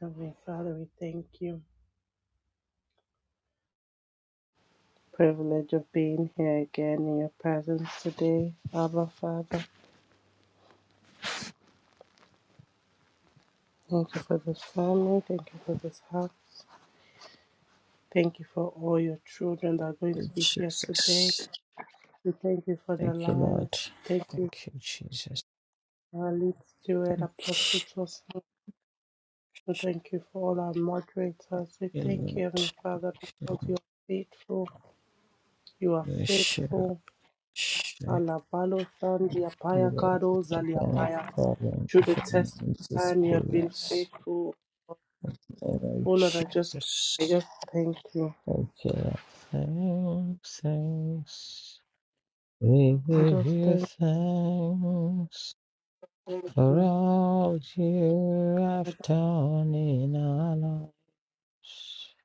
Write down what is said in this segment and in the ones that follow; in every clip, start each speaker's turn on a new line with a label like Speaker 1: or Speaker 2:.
Speaker 1: Heavenly Father, we thank you. Privilege of being here again in your presence today, Abba Father. Thank you for this family. Thank you for this house. Thank you for all your children that are going to
Speaker 2: you,
Speaker 1: be here today.
Speaker 2: Jesus.
Speaker 1: We thank you for their
Speaker 2: Thank you, Lord.
Speaker 1: lives. Thank you
Speaker 2: Thank you, Jesus.
Speaker 1: for our lead steward, Apostle Joshua. We thank you for all our moderators. We
Speaker 2: Thank you,
Speaker 1: thank you, Heavenly Father, because you
Speaker 2: Lord.
Speaker 1: are faithful. You are
Speaker 2: Yes, sure,
Speaker 1: faithful.
Speaker 2: sure.
Speaker 1: Alabalo Sandia
Speaker 2: Thank you, Lord. Yes, sure.
Speaker 1: Paya
Speaker 2: Thank you, Lord, for
Speaker 1: Kado
Speaker 2: the
Speaker 1: Zalia
Speaker 2: God,
Speaker 1: Paya.
Speaker 2: Father,
Speaker 1: Through the
Speaker 2: of
Speaker 1: test of
Speaker 2: Jesus
Speaker 1: time you have been
Speaker 2: Christ.
Speaker 1: faithful.
Speaker 2: Thank you,
Speaker 1: Oh Lord, I just I
Speaker 2: Jesus.
Speaker 1: just thank you.
Speaker 2: Thank you, Lord. Thanks, thanks. We
Speaker 1: I
Speaker 2: give
Speaker 1: just
Speaker 2: you
Speaker 1: thank
Speaker 2: thanks
Speaker 1: thank
Speaker 2: for
Speaker 1: you.
Speaker 2: all you
Speaker 1: I
Speaker 2: have done in our lives.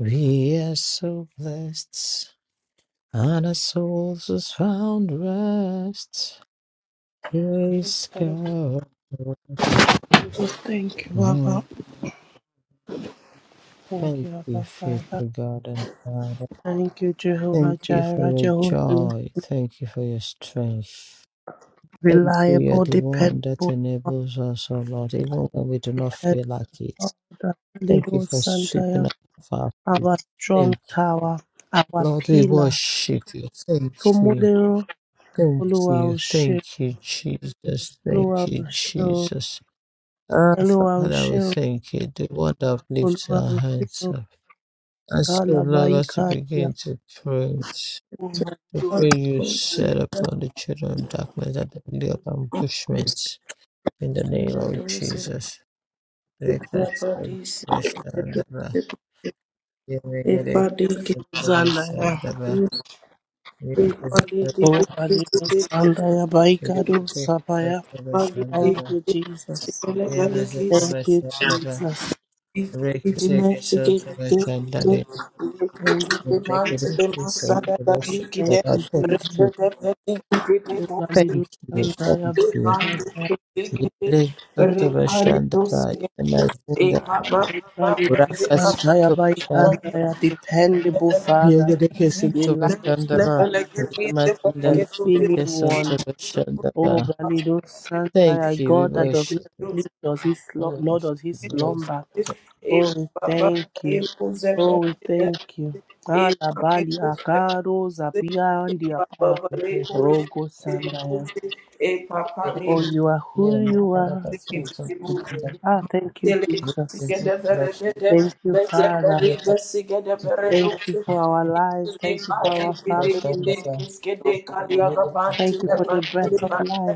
Speaker 2: We are so blessed and our souls has found rest.
Speaker 1: just
Speaker 2: Praise
Speaker 1: thank you.
Speaker 2: God.
Speaker 1: I just thank you, Abba.
Speaker 2: Mm.
Speaker 1: Thank
Speaker 2: Thank
Speaker 1: you,
Speaker 2: you,
Speaker 1: Abba Father.
Speaker 2: faithful God and Father.
Speaker 1: Thank you, Jehovah
Speaker 2: Thank you for
Speaker 1: Jireh,
Speaker 2: your
Speaker 1: Jehovah. Nisi.
Speaker 2: joy. Thank you for your strength. Thank you, you're
Speaker 1: Reliable,
Speaker 2: the one that
Speaker 1: dependable,
Speaker 2: enables us, oh Lord, even when we do not
Speaker 1: dependable.
Speaker 2: feel like it. Thank you
Speaker 1: Little
Speaker 2: for
Speaker 1: Santa,
Speaker 2: sweeping up our feet.
Speaker 1: our strong
Speaker 2: Thank
Speaker 1: tower,
Speaker 2: you.
Speaker 1: our
Speaker 2: Lord, we
Speaker 1: pillar.
Speaker 2: worship you. Thank you.
Speaker 1: Tomolero,
Speaker 2: Thank you.
Speaker 1: Oluwa
Speaker 2: Thank you, Jesus.
Speaker 1: Olúwa
Speaker 2: Thank
Speaker 1: o
Speaker 2: you,
Speaker 1: ṣé o,
Speaker 2: Jesus. Ah,
Speaker 1: Olúwa o
Speaker 2: Father,
Speaker 1: ṣé
Speaker 2: we
Speaker 1: o,
Speaker 2: thank you, the one that lifts
Speaker 1: Olúwa
Speaker 2: our
Speaker 1: o ṣé
Speaker 2: hands
Speaker 1: o,
Speaker 2: up. And so, Lord, as we
Speaker 1: Kálábáyíká
Speaker 2: begin
Speaker 1: ìyàwó
Speaker 2: to pray,
Speaker 3: Thank
Speaker 2: to
Speaker 1: Mọ̀dúró
Speaker 2: pray you set upon the children of darkness at the day of ambushment. In the name of Jesus. Break that sword, smash down the bar. Yeah, we get it. Shabba
Speaker 1: Zàláyà,
Speaker 2: shandaba. Yeah, we get it.
Speaker 1: Òwòpàdébọ̀ Sàndáyà
Speaker 2: We get
Speaker 1: Báyíkádó
Speaker 2: it. Take it,
Speaker 1: Sàbáyà.
Speaker 2: shabba
Speaker 1: Thank
Speaker 2: shandaba.
Speaker 1: you, Jesus.
Speaker 2: Yeah, we get it,
Speaker 3: you.
Speaker 1: Thank
Speaker 2: shabba
Speaker 1: you,
Speaker 2: shandaba.
Speaker 1: Jesus.
Speaker 2: Break it, take it, shabba shandaba.
Speaker 1: Thank you,
Speaker 2: Lord, I give you
Speaker 1: Jesus.
Speaker 2: praise and make it a safe solution.
Speaker 1: Thank
Speaker 2: Lord. I
Speaker 1: you,
Speaker 2: Thank
Speaker 1: Jesus. Òwòpàdébọ̀
Speaker 2: you, thank
Speaker 1: Sàndáyà
Speaker 2: you, thank
Speaker 1: Báyíkádó
Speaker 2: you.
Speaker 1: Thank
Speaker 2: Yere
Speaker 1: you,
Speaker 2: Santo Bashanda Ba, Yemazinda,
Speaker 1: Valido
Speaker 2: Raka
Speaker 1: Santaya
Speaker 2: Santo Bashanda,
Speaker 1: Baikandaya, dependable Father,
Speaker 2: Yere Santo Bashanda
Speaker 1: reliable
Speaker 2: Ba,
Speaker 1: Daddy,
Speaker 2: Yemazinda,
Speaker 1: unfailing
Speaker 2: Yere
Speaker 1: one.
Speaker 2: Santo Bashanda
Speaker 1: Oh,
Speaker 2: Ba.
Speaker 1: Balido Santa,
Speaker 2: Thank you, we
Speaker 1: God that does
Speaker 2: worship
Speaker 1: not
Speaker 2: you.
Speaker 3: Easy,
Speaker 1: sleep, does his
Speaker 2: We
Speaker 1: Lord does
Speaker 2: worship you,
Speaker 1: his
Speaker 2: we
Speaker 3: E
Speaker 2: worship
Speaker 1: slumber.
Speaker 2: you.
Speaker 1: Oh, we
Speaker 3: Papa
Speaker 1: thank you. Oh, we thank you. Alabali akaro zapia and the fire.
Speaker 2: Yere Santo Bashanda,
Speaker 1: Rogo sandaya.
Speaker 2: Yere
Speaker 1: Oh, you are who you
Speaker 2: Yemazinda Bashanda, Santo Bashanda, by. Yere
Speaker 1: are yes, today. Ah, thank you,
Speaker 3: Redosa,
Speaker 1: Jesus.
Speaker 2: Santo Bashanda.
Speaker 1: Thank you, Father. Thank you
Speaker 2: by
Speaker 1: for our lives. Thank you for
Speaker 2: Thank you
Speaker 1: our
Speaker 2: for fighting the
Speaker 1: families. Thank you for
Speaker 2: battles,
Speaker 1: the breath
Speaker 2: Lord.
Speaker 1: of life.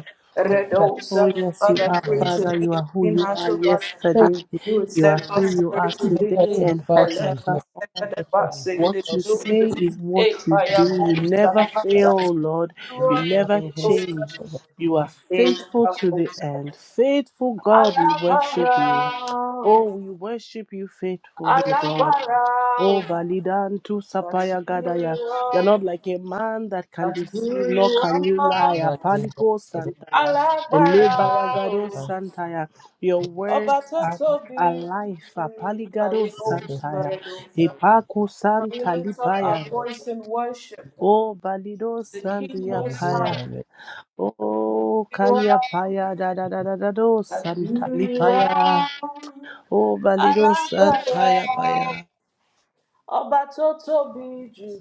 Speaker 2: Thank
Speaker 1: Oh, yes, you
Speaker 2: you
Speaker 3: Father,
Speaker 1: are,
Speaker 2: for the
Speaker 3: create
Speaker 1: Father.
Speaker 3: in me
Speaker 1: You
Speaker 3: a
Speaker 1: are who
Speaker 3: clean
Speaker 1: you
Speaker 3: heart,
Speaker 1: are
Speaker 3: O God, and
Speaker 1: yesterday.
Speaker 3: you will
Speaker 1: You are
Speaker 3: step for
Speaker 1: who you are
Speaker 3: spirit within me,
Speaker 1: today and
Speaker 3: and let
Speaker 1: forever.
Speaker 3: us set the past in the
Speaker 1: What you
Speaker 3: new
Speaker 2: shelter.
Speaker 3: thing.
Speaker 1: say is what
Speaker 3: A
Speaker 1: you do.
Speaker 3: fire
Speaker 1: You
Speaker 3: comes
Speaker 1: never
Speaker 3: that
Speaker 1: fail, oh Lord.
Speaker 3: you
Speaker 2: We
Speaker 1: You
Speaker 3: are
Speaker 2: know the
Speaker 1: never
Speaker 2: risk
Speaker 1: change.
Speaker 2: of
Speaker 1: You are
Speaker 3: the
Speaker 1: faithful to the
Speaker 3: most.
Speaker 1: end. Faithful God, we worship you.
Speaker 3: Alabara,
Speaker 1: Oh, we worship you, faithful God.
Speaker 3: Alágbára
Speaker 1: Oh,
Speaker 3: o,
Speaker 1: Balidantu
Speaker 3: that's
Speaker 1: Sapaya
Speaker 3: who
Speaker 1: Gadaya.
Speaker 3: you
Speaker 1: You're
Speaker 3: are,
Speaker 1: not like a man that can
Speaker 3: that's who
Speaker 1: deceive, nor
Speaker 3: you
Speaker 1: can you
Speaker 2: the
Speaker 3: are.
Speaker 1: lie.
Speaker 2: evil day, but the
Speaker 1: Apalico
Speaker 2: risk
Speaker 1: Santaya.
Speaker 2: of the
Speaker 1: Elebaya
Speaker 3: Alágbára
Speaker 1: Gado
Speaker 3: o,
Speaker 1: Santaya. Your
Speaker 3: ọba
Speaker 1: words
Speaker 3: tó
Speaker 1: are.
Speaker 2: shelter.
Speaker 1: are
Speaker 3: tóbi
Speaker 1: life.
Speaker 3: jù
Speaker 1: apaligado
Speaker 3: ayé
Speaker 2: It's a good risk of
Speaker 1: santaya,
Speaker 3: òṣùbẹ̀rẹ̀ lọ́sà.
Speaker 1: hipaku
Speaker 3: Can we
Speaker 1: santa
Speaker 3: lift up
Speaker 2: the
Speaker 1: lipaya,
Speaker 3: our
Speaker 2: evil day,
Speaker 3: voice in
Speaker 2: the
Speaker 3: worship
Speaker 2: shelter.
Speaker 1: oh balido
Speaker 3: to the King
Speaker 1: sandia
Speaker 3: Most
Speaker 1: paya,
Speaker 3: High?
Speaker 1: oh
Speaker 3: You
Speaker 1: kalia
Speaker 3: are,
Speaker 1: paya da da da da da do
Speaker 3: that's
Speaker 1: santa
Speaker 3: who you
Speaker 1: lipaya,
Speaker 3: are.
Speaker 1: oh balido
Speaker 3: Alágbára
Speaker 1: santaya
Speaker 2: The
Speaker 1: paya.
Speaker 3: o, ọba tó tóbi jù,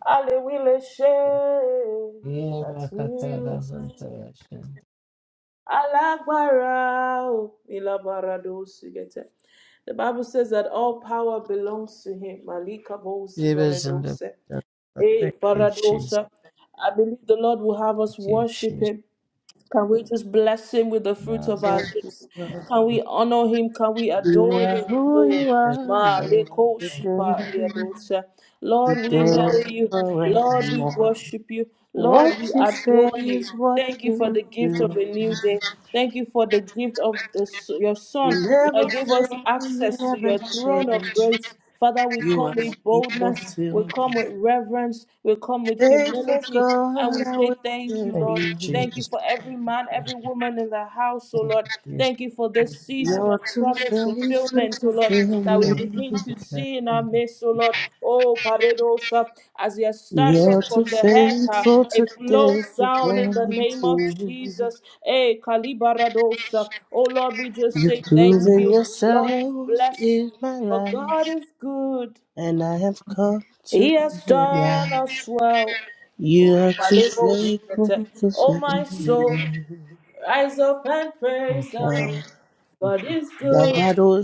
Speaker 3: a lè wí lè ṣe é,
Speaker 2: sin, the resurrection. Yeah, my
Speaker 3: that's who
Speaker 2: katana,
Speaker 3: you
Speaker 2: Santa,
Speaker 3: are.
Speaker 2: the shelter.
Speaker 3: Alagbara o, ilabarado sigete. The Bible says that all power belongs to him. Malika bo
Speaker 2: Yeah, the sin, the
Speaker 3: siveredose.
Speaker 2: resurrection.
Speaker 3: Eh,
Speaker 2: Thank you, Jesus.
Speaker 3: baradosha. I believe the Lord will have us
Speaker 2: Thank you,
Speaker 3: worship
Speaker 2: Jesus.
Speaker 3: him. Can we just bless him with the fruits
Speaker 2: Now,
Speaker 3: of our lips? Can we honor him? Can we
Speaker 1: You
Speaker 3: adore
Speaker 1: are
Speaker 3: him?
Speaker 1: who
Speaker 3: Oh,
Speaker 1: you are.
Speaker 3: ma leko
Speaker 1: Yes, today,
Speaker 3: shipa riadosa. Lord, we
Speaker 1: today,
Speaker 3: hail you. Lord,
Speaker 2: Thank
Speaker 3: we
Speaker 1: forevermore.
Speaker 3: worship you.
Speaker 1: What
Speaker 3: Lord, we
Speaker 1: you say
Speaker 3: adore you.
Speaker 1: is what
Speaker 3: Thank you for
Speaker 1: you
Speaker 3: the gift of
Speaker 1: do.
Speaker 3: a new day. Thank you for the gift of the, your Son
Speaker 1: You never
Speaker 3: that gave
Speaker 1: fail.
Speaker 3: us
Speaker 1: You
Speaker 3: access to
Speaker 1: never
Speaker 3: your throne of
Speaker 1: change.
Speaker 3: grace. Father, we
Speaker 1: You
Speaker 3: come
Speaker 1: are
Speaker 3: with
Speaker 1: faithful
Speaker 3: boldness, we
Speaker 1: to
Speaker 3: come with reverence, we come with
Speaker 1: faithful
Speaker 3: humility, and we
Speaker 1: God. I
Speaker 3: say thank you,
Speaker 1: worship
Speaker 2: you,
Speaker 3: Lord.
Speaker 1: you.
Speaker 3: Thank you
Speaker 2: Jesus.
Speaker 3: for every man, every woman in the house, oh
Speaker 2: Thank
Speaker 3: Lord.
Speaker 2: you, Jesus.
Speaker 3: Thank you for this season of
Speaker 1: You're too
Speaker 3: promise
Speaker 1: faithful
Speaker 3: fulfillment, oh
Speaker 1: to
Speaker 3: Lord,
Speaker 1: fail
Speaker 3: that we
Speaker 2: Thank
Speaker 1: me.
Speaker 3: begin
Speaker 2: you,
Speaker 3: to
Speaker 2: Jesus.
Speaker 3: see in our midst, oh Lord. Oh, Paredosa, as you have started
Speaker 1: You're too
Speaker 3: from the head, uh,
Speaker 1: faithful to
Speaker 3: it flows down in the
Speaker 1: disappoint me.
Speaker 3: name of Jesus. Eh, Kalibaradosa. Oh Lord, we just
Speaker 1: You've
Speaker 3: say thank
Speaker 1: proven
Speaker 3: you. Lord, we
Speaker 1: yourself
Speaker 3: bless
Speaker 1: in my
Speaker 3: for
Speaker 1: life.
Speaker 3: God is good.
Speaker 1: And I have come to
Speaker 3: He has done us
Speaker 1: realize
Speaker 3: well. Oh,
Speaker 1: you are
Speaker 3: my
Speaker 1: too
Speaker 3: label
Speaker 1: faithful
Speaker 3: sweater.
Speaker 1: to
Speaker 3: Oh,
Speaker 1: fail.
Speaker 3: my soul, rise up and praise
Speaker 2: Thank
Speaker 3: the
Speaker 1: Ah,
Speaker 3: Lord. God is good.
Speaker 1: Lavado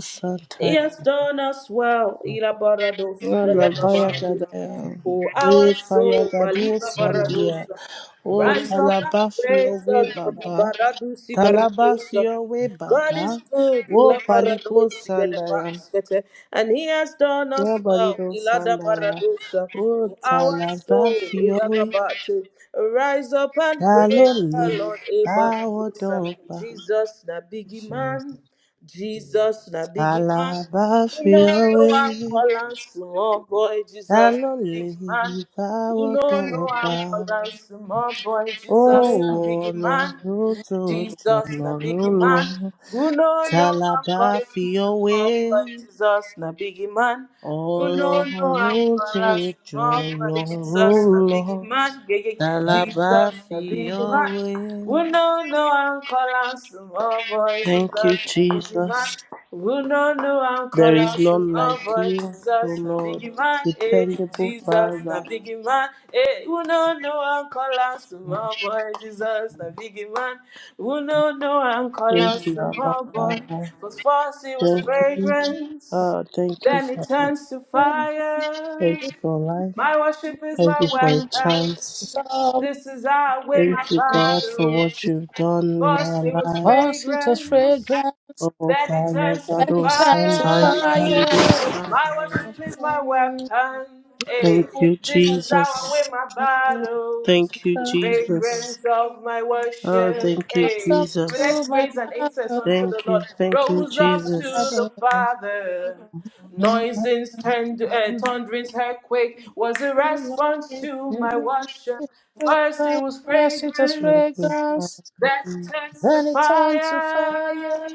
Speaker 3: He
Speaker 1: Santa,
Speaker 3: has done us well. Irabarado,
Speaker 1: ah, Lavaya
Speaker 3: sibelebaba.
Speaker 1: Gadaya,
Speaker 3: Oh, our
Speaker 1: We Paya
Speaker 3: soul,
Speaker 1: Gadu
Speaker 3: Baliga
Speaker 1: Sandia,
Speaker 3: Baradosa.
Speaker 1: Oh
Speaker 3: Rise up and praise
Speaker 1: Talabafio We
Speaker 3: the Lord.
Speaker 1: Baba,
Speaker 3: Ibaradusi baradusa.
Speaker 1: Talabafio We
Speaker 3: God is
Speaker 1: Baba,
Speaker 3: good.
Speaker 1: Oh Paliko
Speaker 3: Ilabaradusi
Speaker 1: Sandaya,
Speaker 3: gedebaskete. And he has done
Speaker 1: Yeah
Speaker 3: us well.
Speaker 1: Balido
Speaker 3: Ilada
Speaker 1: Sandaya,
Speaker 3: baradusa.
Speaker 1: Oh
Speaker 3: O Our soul,
Speaker 1: Talabafio We
Speaker 3: Ilagabate. rise up and praise the
Speaker 1: Taloli,
Speaker 3: Lord. Ibaradusa.
Speaker 1: Bawodopa.
Speaker 3: Jesus, na biggie man. Jesus, na
Speaker 1: I
Speaker 3: biggie man.
Speaker 1: love
Speaker 3: You know no I'm
Speaker 1: Yahweh,
Speaker 3: calling small boy
Speaker 1: ta
Speaker 3: Jesus
Speaker 1: ló
Speaker 3: big
Speaker 1: lè
Speaker 3: man. You
Speaker 1: dáwọ́ tó
Speaker 3: know
Speaker 1: ń
Speaker 3: no
Speaker 1: pa
Speaker 3: I'm calling small boy Jesus
Speaker 1: owó
Speaker 3: na big man.
Speaker 1: ọlọ́run tó ju
Speaker 3: Jesus na big
Speaker 1: ọlọ́run lọ?
Speaker 3: man. Who know
Speaker 1: Ta
Speaker 3: no
Speaker 1: la
Speaker 3: I'm
Speaker 1: bá
Speaker 3: calling
Speaker 1: fi ọ́ wé?
Speaker 3: small boy Jesus na big man. Who know no I'm
Speaker 1: Ọlọ́run tó
Speaker 3: calling
Speaker 1: ju
Speaker 3: small boy
Speaker 1: ọlọ́run
Speaker 3: Jesus na
Speaker 1: lọ.
Speaker 3: big man. Yeah, yeah.
Speaker 1: Ta la bá
Speaker 3: Jesus na
Speaker 1: fi
Speaker 3: big
Speaker 1: ọ́
Speaker 3: man.
Speaker 1: wé?
Speaker 3: Who no know I'm calling small boy
Speaker 1: Thank you,
Speaker 3: Jesus
Speaker 1: Jesus.
Speaker 3: man, who no know I'm
Speaker 1: There
Speaker 3: call
Speaker 1: is
Speaker 3: out to
Speaker 1: none
Speaker 3: my
Speaker 1: like
Speaker 3: boy
Speaker 1: you, O
Speaker 3: Jesus, a
Speaker 1: Lord,
Speaker 3: big man, eh?
Speaker 1: dependable
Speaker 3: Jesus, a
Speaker 1: Father.
Speaker 3: big man, eh? Who no know I'm call out to my boy Jesus, a big man, who no know I'm call
Speaker 1: Praise you,
Speaker 3: to
Speaker 1: Abba
Speaker 3: my boy.
Speaker 1: Father.
Speaker 3: But first it was
Speaker 1: Thank you.
Speaker 3: fragrance,
Speaker 1: Oh, thank you.
Speaker 3: then it
Speaker 1: for-
Speaker 3: turns to
Speaker 1: Thank
Speaker 3: fire.
Speaker 1: you for life.
Speaker 3: My worship is
Speaker 1: Thank
Speaker 3: my
Speaker 1: you for a
Speaker 2: you,
Speaker 3: weapon.
Speaker 1: chance.
Speaker 2: Jesus.
Speaker 3: This is how I win my
Speaker 1: Thank you, God, for
Speaker 3: battle.
Speaker 1: what you've done in
Speaker 3: First
Speaker 1: our
Speaker 3: it was
Speaker 1: lives.
Speaker 2: Mosquitoes,
Speaker 3: fragrance
Speaker 2: fragrance,
Speaker 1: Oh,
Speaker 3: then it
Speaker 1: Father,
Speaker 3: turns to
Speaker 1: God,
Speaker 2: any
Speaker 1: oh,
Speaker 2: time to
Speaker 1: Sunday,
Speaker 3: fire.
Speaker 1: hallelujah,
Speaker 2: fire.
Speaker 3: My
Speaker 1: Sunday.
Speaker 3: worship
Speaker 2: Was
Speaker 3: is my
Speaker 2: burning
Speaker 3: weapon.
Speaker 1: Thank
Speaker 3: Hey,
Speaker 2: up
Speaker 1: you,
Speaker 2: in
Speaker 3: this
Speaker 2: my
Speaker 3: is
Speaker 2: breath.
Speaker 3: how I
Speaker 1: Jesus.
Speaker 3: win my
Speaker 2: Not
Speaker 3: battles.
Speaker 1: Thank you,
Speaker 3: The
Speaker 1: Jesus.
Speaker 3: fragrance of my
Speaker 1: Oh,
Speaker 3: worship.
Speaker 1: thank you,
Speaker 3: Hey,
Speaker 2: up
Speaker 3: let's
Speaker 2: to
Speaker 1: Jesus.
Speaker 2: my
Speaker 3: raise an incense
Speaker 2: father,
Speaker 3: unto the
Speaker 1: Thank you,
Speaker 3: Lord.
Speaker 1: thank you,
Speaker 3: Rose up to
Speaker 1: Jesus.
Speaker 3: the Father. Noises turned, uh,
Speaker 2: father.
Speaker 3: thunderings, earthquake was a
Speaker 2: Fragrance,
Speaker 3: response to my worship. First it was
Speaker 2: it has
Speaker 3: fragrance
Speaker 1: Thank you, Father.
Speaker 2: fragrance,
Speaker 3: that
Speaker 2: then it turned to
Speaker 3: testifier.
Speaker 2: fire.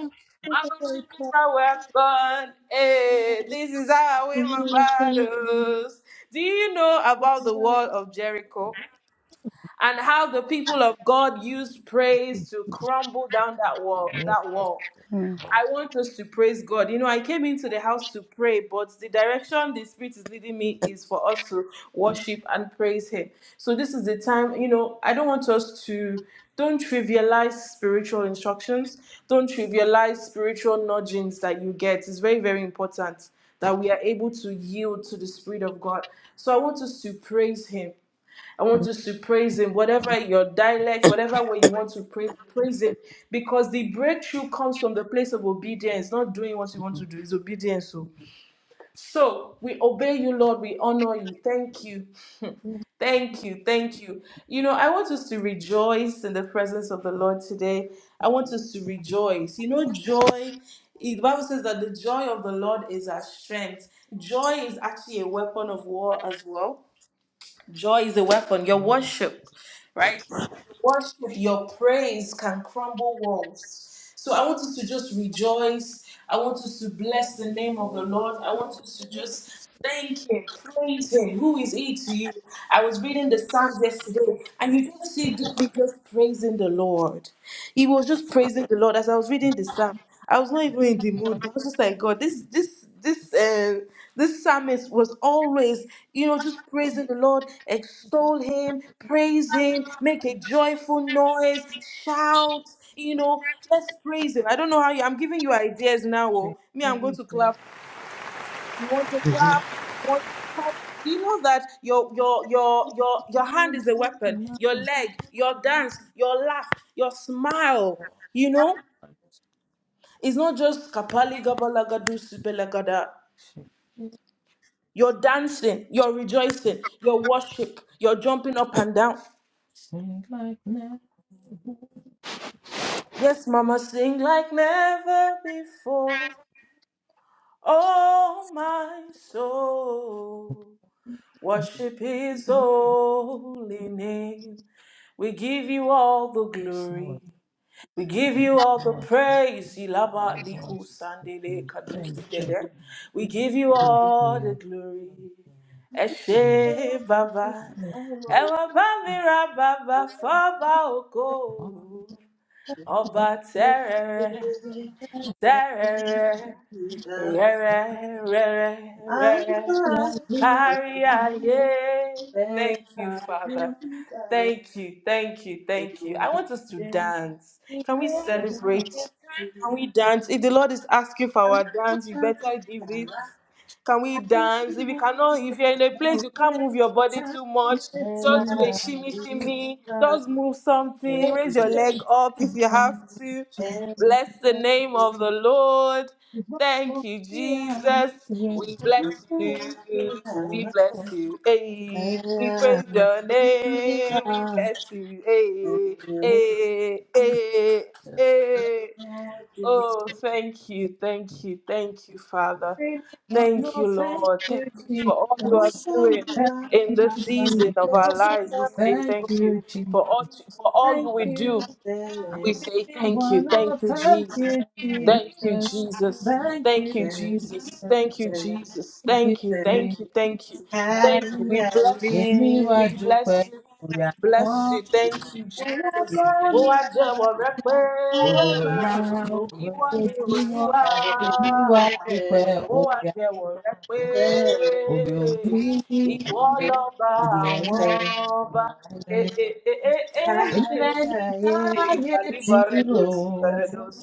Speaker 2: It
Speaker 3: My
Speaker 2: is very
Speaker 3: worship is
Speaker 2: precious.
Speaker 3: my weapon. Hey, this is how I win my battles. Do you know
Speaker 2: It
Speaker 3: about
Speaker 2: is
Speaker 3: the wall of Jericho and how the people of God used praise to crumble down that wall? That wall.
Speaker 1: Mm.
Speaker 3: I want us to praise God. You know, I came into the house to pray, but the direction the Spirit is leading me is for us to worship and praise Him. So, this is the time, you know, I don't want us to, don't trivialize spiritual instructions, don't trivialize spiritual nudgings that you get. It's very, very important that we are able to yield to the Spirit of God. So, I want us to praise Him. I want us to praise Him, whatever your dialect, whatever way you want to praise, praise Him, because the breakthrough comes from the place of obedience, not doing what you want to do. It's obedience. So, so we obey you, Lord. We honor you. Thank you. Thank you, thank you. You know, I want us to rejoice in the presence of the Lord today. I want us to rejoice. You know, joy, the Bible says that the joy of the Lord is our strength. Joy is actually a weapon of war as well Joy is a weapon. Your worship, right? Worship, your praise can crumble walls. So I want us to just rejoice. I want us to bless the name of the Lord. I want us to just thank Him, praise Him. Who is He to you? I was reading the Psalms yesterday, and you just see David just praising the Lord. He was just praising the Lord as I was reading the Psalms. I was not even in the mood. I was just like, God, this, this, this, uh, this psalmist was always, you know, just praising the Lord, extol Him, praise Him, make a joyful noise, shout, you know, let's praise Him. I don't know how you. I'm giving you ideas now. Oh, me, I'm going to
Speaker 2: a
Speaker 3: clap. You want to clap? You want to clap? Do you know that your your your your your hand is a weapon? Your leg, your dance, your laugh, your smile. You know? It's not just kapali gabalagadu sibelagada. You're dancing, you're rejoicing, you're worship, you're jumping up and down.
Speaker 2: Sing like never.
Speaker 3: Yes, mama, sing like never before. Oh, my soul, worship his holy name. We give you all the
Speaker 2: Yes, Lord,
Speaker 3: glory. We give you all the
Speaker 2: Lord,
Speaker 3: praise. Ilaba
Speaker 2: Lord, Lord.
Speaker 3: liku
Speaker 2: Thank
Speaker 3: sandele kadusi
Speaker 1: Thank you.
Speaker 2: you,
Speaker 3: dede. We give you
Speaker 2: thank
Speaker 3: all the
Speaker 2: you.
Speaker 3: glory. Eshe baba. Ewa bamira baba faba oko. Oba terere, terere.
Speaker 1: Jesus.
Speaker 3: Rere, rere,
Speaker 1: I'm
Speaker 3: rere.
Speaker 2: Thank you.
Speaker 1: sorry
Speaker 3: Carry aye.
Speaker 1: that
Speaker 3: Thank you,
Speaker 1: I
Speaker 3: Father.
Speaker 1: didn't go
Speaker 3: Thank you, thank you,
Speaker 1: for
Speaker 3: thank you. I
Speaker 1: you.
Speaker 3: want us to
Speaker 1: I'm
Speaker 3: dance.
Speaker 2: Thank
Speaker 3: Can we
Speaker 2: you,
Speaker 1: sorry
Speaker 2: Jesus.
Speaker 3: celebrate? Can we dance? If the Lord is asking for our dance, you better give it.
Speaker 1: that
Speaker 3: Can we dance? If you cannot, if you're in a place you can't move your body
Speaker 2: Thank
Speaker 3: too much,
Speaker 2: you,
Speaker 3: just do a
Speaker 2: Jesus.
Speaker 3: shimmy shimmy. Just move something.
Speaker 2: Thank
Speaker 3: Raise your
Speaker 2: you,
Speaker 3: leg
Speaker 2: Jesus.
Speaker 3: up if you have to. Bless the name of the Lord. Thank you, Jesus. We bless you. We bless you. Hey, we praise your name. We bless you. Hey, hey, hey, hey. Oh, thank you. Thank you. Thank you, Father. Thank you, Lord. Thank you for all you are doing in this season of our lives. We say thank you for all, for all you
Speaker 2: Thank
Speaker 3: will
Speaker 2: you.
Speaker 3: do
Speaker 2: I
Speaker 3: we say
Speaker 2: really
Speaker 3: thank
Speaker 2: want
Speaker 3: you, thank
Speaker 2: to
Speaker 3: you,
Speaker 2: thank you,
Speaker 3: Jesus. Thank you,
Speaker 2: Jesus.
Speaker 3: Jesus.
Speaker 2: Thank
Speaker 3: Thank you,
Speaker 2: you,
Speaker 3: Jesus.
Speaker 2: Jesus.
Speaker 3: Thank you, Jesus.
Speaker 2: Thank
Speaker 3: Thank you,
Speaker 2: you,
Speaker 3: thank you, thank you. Thank you. We bless you.
Speaker 2: Èmi wá
Speaker 3: We bless
Speaker 2: dúpẹ́
Speaker 3: you.
Speaker 2: orí
Speaker 3: We
Speaker 2: àná
Speaker 3: bless you. Thank you,
Speaker 1: I
Speaker 3: Jesus.
Speaker 2: èmi
Speaker 3: Oh,
Speaker 1: didn't
Speaker 3: I just want to
Speaker 2: orí
Speaker 1: Thank
Speaker 2: ọ̀la
Speaker 3: pray. You
Speaker 2: ọ̀rọ̀ tó
Speaker 3: are the
Speaker 2: jímọ̀. Èmi wá
Speaker 3: Lord.
Speaker 2: dúpẹ́
Speaker 3: ó wá
Speaker 2: orí
Speaker 3: jẹ́wọ́ rẹ pé
Speaker 2: orí òní
Speaker 3: ìwọ lọ́ba
Speaker 2: orí
Speaker 3: àwọn
Speaker 2: ọ̀la.
Speaker 3: ọba. Ee, ee, ee, ee,
Speaker 2: Èmi
Speaker 3: ee.
Speaker 2: lẹni
Speaker 3: Eh,
Speaker 2: táyé ti rò
Speaker 3: Galibarados, Barados.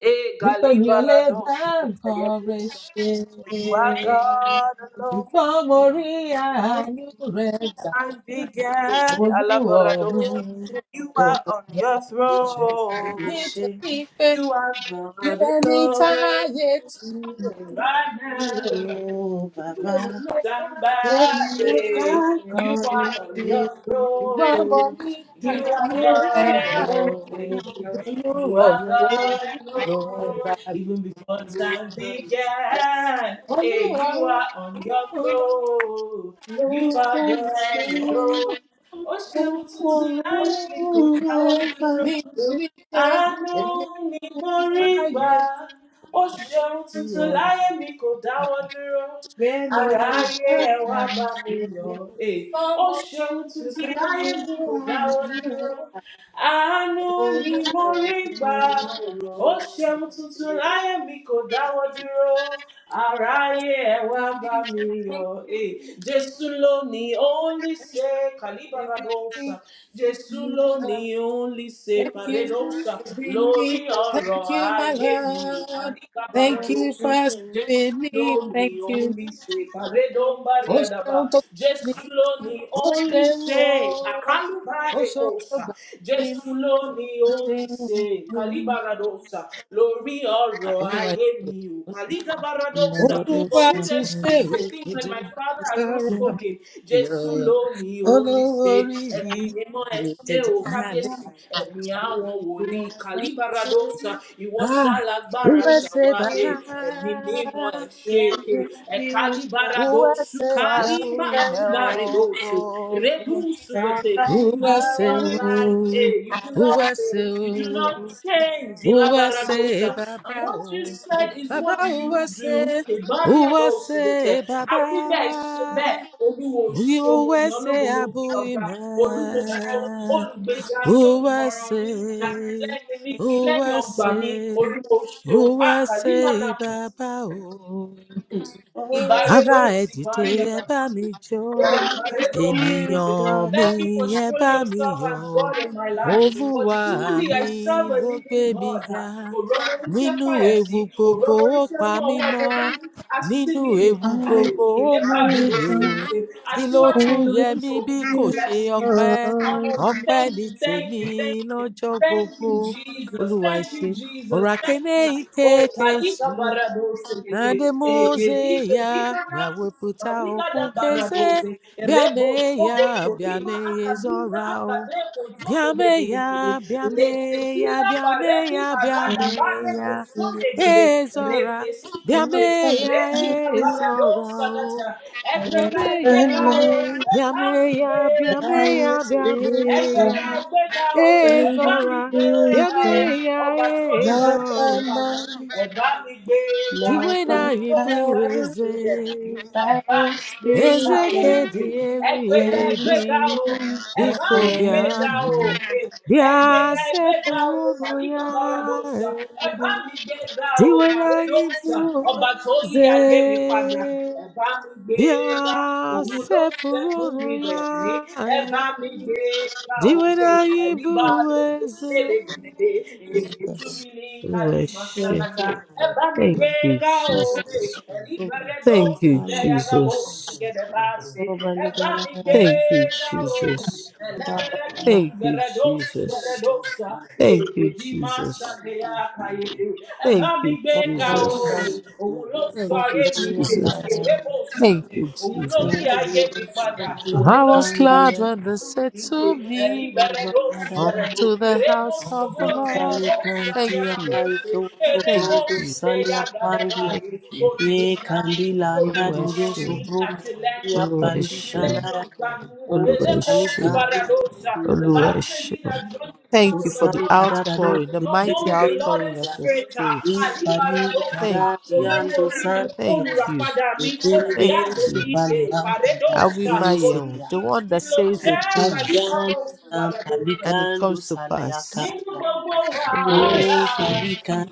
Speaker 3: Eh,
Speaker 2: wípé mi ò lè bá
Speaker 3: Galibarados,
Speaker 2: nǹkan rẹ̀
Speaker 3: Batayabus.
Speaker 2: ṣe.
Speaker 3: For You are God
Speaker 2: Ṣùgbọ́n
Speaker 3: alone.
Speaker 2: mo rí àánú rẹ̀
Speaker 3: And began
Speaker 2: For the
Speaker 3: Alabarados.
Speaker 2: Lord,
Speaker 3: You
Speaker 2: Lord,
Speaker 3: are on your
Speaker 2: that is changing
Speaker 3: throne.
Speaker 2: it to be fair.
Speaker 3: You are
Speaker 2: You
Speaker 3: God
Speaker 2: don't need tired to wait.
Speaker 3: alone.
Speaker 2: You say, "Well, no, God, but
Speaker 3: Somebody, you
Speaker 2: you
Speaker 3: are on your
Speaker 2: Ìgbọ́n mọ
Speaker 3: throne.
Speaker 2: ní
Speaker 3: You
Speaker 1: you.
Speaker 3: are
Speaker 2: àánú ẹ
Speaker 3: God
Speaker 2: gbà ó.
Speaker 3: alone. You
Speaker 2: Olúwa
Speaker 3: are
Speaker 2: ọ̀run
Speaker 3: God
Speaker 2: ló ń bá
Speaker 3: alone. Even
Speaker 2: mi.
Speaker 3: before time began, hey,
Speaker 2: Olúwa
Speaker 3: you are on your
Speaker 2: ọ̀run
Speaker 3: throne. You are God
Speaker 2: Thank you, for
Speaker 3: alone. Oh, ṣeun tuntun to mi kò Àánú mi kan rí gbà, ó ṣe tuntun láyé mi kò dáwọ́ dúró. Ara ayé ẹ wá bá mi yọ̀, ẹ̀. ó ṣe ohun tuntun láyé mi kò dáwọ́ dúró. Àánú mi mo rí gbà, ó ṣe tuntun láyé mi kò dáwọ́ dúró. Ara ayé ẹ wá bá mi yọ̀, ẹ̀. Jésù lónìí, ó ń lè ṣe kàlíbàrà Jesulo ni only se paredosa,
Speaker 2: me.
Speaker 3: lori oro
Speaker 2: thank you, my
Speaker 3: aye mi o
Speaker 2: love.
Speaker 3: palika
Speaker 2: Thank you
Speaker 3: baradosa.
Speaker 2: for spinning.
Speaker 3: Jesulo ni
Speaker 2: Thank you.
Speaker 3: only se paredom
Speaker 2: Oh, shout
Speaker 3: bariadaba.
Speaker 2: out to me.
Speaker 3: Jesulo ni
Speaker 2: Oh,
Speaker 3: only
Speaker 2: shout
Speaker 3: se
Speaker 2: out.
Speaker 3: akaliba
Speaker 2: Oh, shout out
Speaker 3: rekosa. Jesulo ni
Speaker 2: to
Speaker 3: only se
Speaker 2: me.
Speaker 3: kalibaradosa, lori oro
Speaker 2: olúwa
Speaker 3: aye
Speaker 2: ṣe
Speaker 3: mi
Speaker 2: o.
Speaker 3: o Baradosa. For
Speaker 2: olúwa
Speaker 3: who
Speaker 2: ti
Speaker 3: then
Speaker 2: ṣe
Speaker 3: speaks
Speaker 2: o
Speaker 3: a thing when my father
Speaker 2: Èdùmàrè
Speaker 3: has not
Speaker 1: Yes,
Speaker 2: sọ̀rọ̀ mi
Speaker 3: spoken? Jesu
Speaker 2: ayọ̀
Speaker 3: lo ni only
Speaker 2: olówó
Speaker 3: say,
Speaker 2: orí mi
Speaker 3: Emi emo
Speaker 2: ìlú
Speaker 3: eshe
Speaker 2: jẹjẹ
Speaker 3: o
Speaker 2: alẹ́
Speaker 3: kabesi, Emi awon woli kalibaradosa, Iwo
Speaker 2: ah
Speaker 3: shalagbara
Speaker 2: uwẹsẹ
Speaker 3: tawa
Speaker 2: bàbá
Speaker 3: e, Emi ni eshe e, E
Speaker 1: you
Speaker 3: kalibaradosu
Speaker 2: uwẹsẹ
Speaker 1: not
Speaker 2: abu
Speaker 3: kalima
Speaker 1: by
Speaker 2: imẹ o
Speaker 3: akubare dose, Redu
Speaker 1: not
Speaker 3: sugote.
Speaker 1: by
Speaker 3: You do
Speaker 2: uwẹsẹ
Speaker 1: power.
Speaker 3: not
Speaker 2: o
Speaker 3: lie. Eh, You do not
Speaker 2: uwẹsẹ
Speaker 3: fail. You do not change.
Speaker 2: o uwẹsẹ
Speaker 3: Ilabaradosa. And
Speaker 2: bàbá
Speaker 3: what
Speaker 2: o
Speaker 3: you said is
Speaker 2: bàbá
Speaker 3: what you
Speaker 2: uwẹsẹ
Speaker 3: do.
Speaker 2: uwẹsẹ
Speaker 3: Ibariadosidete.
Speaker 2: bàbá.
Speaker 3: Àwílẹ̀ ṣe bẹ́ẹ̀. Olúwo
Speaker 2: We
Speaker 3: ṣeun. Mo
Speaker 2: always
Speaker 3: yàn ọ́ lógo.
Speaker 2: say,
Speaker 3: Mo gbé ọ̀gá.
Speaker 2: Abuime.
Speaker 3: Olúwo ṣeun. Olùgbèjà mi, olùmọ̀ràn mi,
Speaker 2: USA.
Speaker 3: àtìlẹ́yìn mi, ìlẹ́yìn ọgbà mi.
Speaker 2: USA.
Speaker 3: Olúwo ṣeun. Àkàlí mọ̀nà
Speaker 2: USA
Speaker 3: kùtù.
Speaker 2: Baba.
Speaker 3: Ibaredo
Speaker 2: Ará
Speaker 1: Oh,
Speaker 2: ẹ dìde
Speaker 3: sipalia
Speaker 2: ẹ bá
Speaker 3: gaba.
Speaker 2: mi jó,
Speaker 3: Hey, Ibaredo
Speaker 1: Spirit
Speaker 3: sikete.
Speaker 2: ènìyàn
Speaker 1: God,
Speaker 2: mi
Speaker 3: Thank you for
Speaker 2: ẹ
Speaker 3: showing
Speaker 2: bá mi
Speaker 3: yourself as
Speaker 2: yọ̀.
Speaker 3: God in my life. For
Speaker 2: Olúwa
Speaker 3: truly I
Speaker 2: mi
Speaker 3: serve a
Speaker 2: ló gbé
Speaker 3: living
Speaker 2: mi
Speaker 3: God.
Speaker 2: ga,
Speaker 3: Oromonitia
Speaker 2: nínú
Speaker 3: fayati,
Speaker 2: ewu gbogbo ó
Speaker 3: oromonitia
Speaker 2: pa mí
Speaker 3: mwawa
Speaker 2: mọ́,
Speaker 3: mwadani,
Speaker 2: nínú
Speaker 3: asini.
Speaker 2: ewu
Speaker 3: Hey,
Speaker 1: Holy
Speaker 2: gbogbo ó mú mi
Speaker 3: elebaredo
Speaker 2: yèrò.
Speaker 1: Spirit
Speaker 3: sikete.
Speaker 2: Kí ló
Speaker 3: Asiwaju
Speaker 1: God,
Speaker 2: tún
Speaker 1: Holy
Speaker 2: yẹ mí
Speaker 3: nilosojo
Speaker 2: bí
Speaker 3: ogun, We
Speaker 2: kò ṣe
Speaker 1: Spirit
Speaker 3: bless you
Speaker 2: ọpẹ́?
Speaker 1: God,
Speaker 3: honor you.
Speaker 2: Ọpẹ́
Speaker 3: Thank
Speaker 2: ni
Speaker 3: you, thank
Speaker 2: tèmi
Speaker 3: you, thank you.
Speaker 2: lọ́jọ́
Speaker 3: Thank
Speaker 2: gbogbo.
Speaker 3: you, Jesus.
Speaker 2: Olúwa ẹ
Speaker 3: Thank you,
Speaker 2: ṣé,
Speaker 3: Jesus.
Speaker 2: ọ̀rọ̀
Speaker 3: Thank
Speaker 2: àkẹ́nẹ́
Speaker 3: you. Oh,
Speaker 2: ìkéke
Speaker 3: Malika Baradose,
Speaker 2: and the
Speaker 3: Egedi, gedi
Speaker 2: Mosea, where we
Speaker 3: Nabusi,
Speaker 2: put our
Speaker 3: Malika da
Speaker 2: okukeze,
Speaker 3: Baradose, Rebo Sogo
Speaker 2: biameya,
Speaker 3: Tokima
Speaker 2: biameye
Speaker 3: Akaduza
Speaker 2: zorao.
Speaker 3: Akadeko Zogo de Gede Gede,
Speaker 2: Biameya, biameya,
Speaker 3: Lepetila Baredi
Speaker 2: biameya,
Speaker 3: Barada Bare
Speaker 2: biameya,
Speaker 3: Kosonde Gede,
Speaker 2: ezora,
Speaker 1: you're not by
Speaker 3: Repesite,
Speaker 2: biameya,
Speaker 1: power.
Speaker 2: ezorao.
Speaker 3: Ẹgbẹ́ka
Speaker 1: And
Speaker 3: ẹgbẹ́ka o,
Speaker 2: Biameya,
Speaker 1: man,
Speaker 3: ẹ̀bá mi
Speaker 2: biameya,
Speaker 3: gbéga
Speaker 1: by
Speaker 3: o.
Speaker 1: your
Speaker 2: biameya,
Speaker 1: Spirit
Speaker 3: Ẹgbẹ́ka
Speaker 1: God,
Speaker 2: biameya,
Speaker 3: ẹgbẹ́ka o, ẹ̀bá
Speaker 1: Holy
Speaker 3: mi
Speaker 2: ezora,
Speaker 1: Spirit
Speaker 3: gbéga o.
Speaker 1: God,
Speaker 3: Ọba tó
Speaker 2: biameya,
Speaker 1: not by
Speaker 3: mi padà,
Speaker 2: ezora.
Speaker 1: might,
Speaker 3: ẹ̀bá mi gbéga.
Speaker 1: not
Speaker 2: Diwena
Speaker 1: by
Speaker 3: Òun ló ń
Speaker 2: ibu
Speaker 3: ṣẹ́kù
Speaker 1: power.
Speaker 2: eze,
Speaker 3: sílẹ̀ mí,
Speaker 1: By
Speaker 3: ẹ̀bá
Speaker 1: the
Speaker 3: gbéga
Speaker 1: Spirit
Speaker 2: eze
Speaker 3: o.
Speaker 2: ke
Speaker 1: and
Speaker 2: dị elu
Speaker 1: by
Speaker 2: ya
Speaker 3: Ẹgbẹ́ka
Speaker 1: the
Speaker 2: ebi,
Speaker 3: ẹgbẹ́ka o
Speaker 1: Spirit
Speaker 3: ẹ
Speaker 1: of
Speaker 3: bá
Speaker 2: biko
Speaker 3: mi
Speaker 1: the
Speaker 3: gbéga
Speaker 1: Lord
Speaker 2: bịanụ,
Speaker 3: o ẹ
Speaker 2: bịa
Speaker 3: gbéga ẹ gbéga o
Speaker 2: sepụrụnụ
Speaker 3: kàlíkà
Speaker 2: ya.
Speaker 3: baradosa ẹ bá
Speaker 2: eh.
Speaker 3: mi gbéga o
Speaker 2: Diwena ibu
Speaker 3: kàrédósa ọba tó yí
Speaker 2: eze,
Speaker 3: ayé mi padà ẹ bá mi
Speaker 2: bịa
Speaker 3: gbéga òun ló ń fẹ́ fún
Speaker 2: sepụrụnụ
Speaker 3: mi
Speaker 2: ya.
Speaker 3: lẹ́rìn ẹ
Speaker 2: eh.
Speaker 3: bá mi gbéga òkè
Speaker 2: Diwena ibu
Speaker 3: àlíbáre kò
Speaker 2: eze.
Speaker 3: ṣẹlẹ̀ gẹ̀dẹ̀ èyí tú
Speaker 1: Jesus.
Speaker 3: mi ní kálí
Speaker 1: Yes,
Speaker 2: Worship.
Speaker 3: màsálàkà ẹ bá mi
Speaker 2: Thank you,
Speaker 3: gbéga
Speaker 1: yes,
Speaker 3: òkè
Speaker 2: Jesus.
Speaker 1: yes.
Speaker 3: àlíbáre dó
Speaker 1: Put
Speaker 2: Thank you,
Speaker 3: sùdẹ̀
Speaker 1: on the
Speaker 3: yagabo
Speaker 2: Jesus.
Speaker 1: global
Speaker 3: Eba
Speaker 1: leader,
Speaker 3: mi
Speaker 1: uh,
Speaker 3: gbe
Speaker 2: Thank you,
Speaker 3: ga o.
Speaker 2: Jesus.
Speaker 1: Baba,
Speaker 3: Elebere ki
Speaker 1: uh,
Speaker 2: Thank you,
Speaker 3: subere do
Speaker 2: Jesus. Thank you,
Speaker 3: di ma sa
Speaker 2: Jesus.
Speaker 3: Eba
Speaker 2: Thank you,
Speaker 3: mi gbe
Speaker 1: Baba,
Speaker 3: o.
Speaker 1: Baba,
Speaker 2: Jesus.
Speaker 3: Òun ló sọ
Speaker 2: Thank you,
Speaker 3: ayé mi
Speaker 1: Kusulia,
Speaker 3: dè.
Speaker 2: Jesus.
Speaker 3: Èdè
Speaker 1: uh,
Speaker 2: Thank you, Jesus.
Speaker 1: Ubali,
Speaker 3: padà. Òun
Speaker 1: Kusulia,
Speaker 2: I
Speaker 3: ló
Speaker 2: was glad
Speaker 3: sẹ́kù
Speaker 1: Kandia,
Speaker 2: when they said
Speaker 3: mi dè.
Speaker 2: to
Speaker 3: Ẹni
Speaker 2: me,
Speaker 3: bẹ̀rẹ̀ ló subere
Speaker 2: Come
Speaker 1: Ubali,
Speaker 3: do.
Speaker 2: to the
Speaker 3: Èrè bò
Speaker 2: house of
Speaker 3: ṣògo
Speaker 2: the
Speaker 3: tẹ̀lé
Speaker 2: Lord.
Speaker 1: Kandia,
Speaker 3: bò
Speaker 2: Thank
Speaker 1: Kandia,
Speaker 3: sàkẹ́ra
Speaker 2: you,
Speaker 1: Kaito,
Speaker 2: thank
Speaker 1: Ubrodo,
Speaker 2: you,
Speaker 1: Salia, Pandia,
Speaker 2: thank you.
Speaker 1: Ye kandilanda
Speaker 3: olùmọ̀ràn
Speaker 1: duru
Speaker 3: mi
Speaker 2: Oluweshu,
Speaker 1: subru
Speaker 3: àtìlẹ́yìn
Speaker 1: ya
Speaker 3: mi
Speaker 1: pandikanda
Speaker 2: Oluweshu,
Speaker 3: ìdílẹ́yìn
Speaker 1: ya
Speaker 3: ọgbà mi
Speaker 1: o
Speaker 3: eléko
Speaker 2: Oluweshu,
Speaker 1: kalikambi
Speaker 3: tìbàdàdọ́sà the bible says he that
Speaker 2: Oluweshu.
Speaker 3: joins himself
Speaker 2: Thank you
Speaker 3: with the
Speaker 2: for the
Speaker 3: lord
Speaker 1: kusanda
Speaker 3: has
Speaker 1: da da do
Speaker 3: has
Speaker 2: outpouring, the
Speaker 3: become one
Speaker 2: mighty
Speaker 3: with the
Speaker 1: sekirebe
Speaker 3: lord
Speaker 2: outpouring
Speaker 3: is
Speaker 2: of
Speaker 1: ya
Speaker 2: your
Speaker 3: greater
Speaker 2: spirit.
Speaker 1: i pali
Speaker 3: àyíbàdàdọ́sà
Speaker 2: Thank
Speaker 1: kada
Speaker 2: you.
Speaker 3: olówó
Speaker 1: yandu
Speaker 3: orí mi
Speaker 1: santia
Speaker 2: Thank you.
Speaker 3: olùràpadà mi
Speaker 1: yetelebe
Speaker 2: Thank
Speaker 3: olùdáǹdè mi
Speaker 2: you.
Speaker 1: supali ya kada ya
Speaker 3: ìpàdédọ́sà
Speaker 1: kese
Speaker 2: Awimayehu,
Speaker 1: ya
Speaker 2: the one
Speaker 3: olùtúmí
Speaker 2: that
Speaker 3: ló
Speaker 2: says
Speaker 1: i
Speaker 2: the
Speaker 3: jẹ́
Speaker 1: pali
Speaker 2: things
Speaker 1: dan
Speaker 3: pàdíkàbọ̀
Speaker 1: am
Speaker 3: tìbàdàdọ́sà.
Speaker 2: and it
Speaker 1: palikando
Speaker 2: comes to
Speaker 1: sale ya
Speaker 2: pass.
Speaker 3: Nínú
Speaker 1: kapa
Speaker 3: gbogbo
Speaker 2: Oluwa
Speaker 1: o
Speaker 2: Eshe,
Speaker 3: wàhálà mi,
Speaker 1: palikan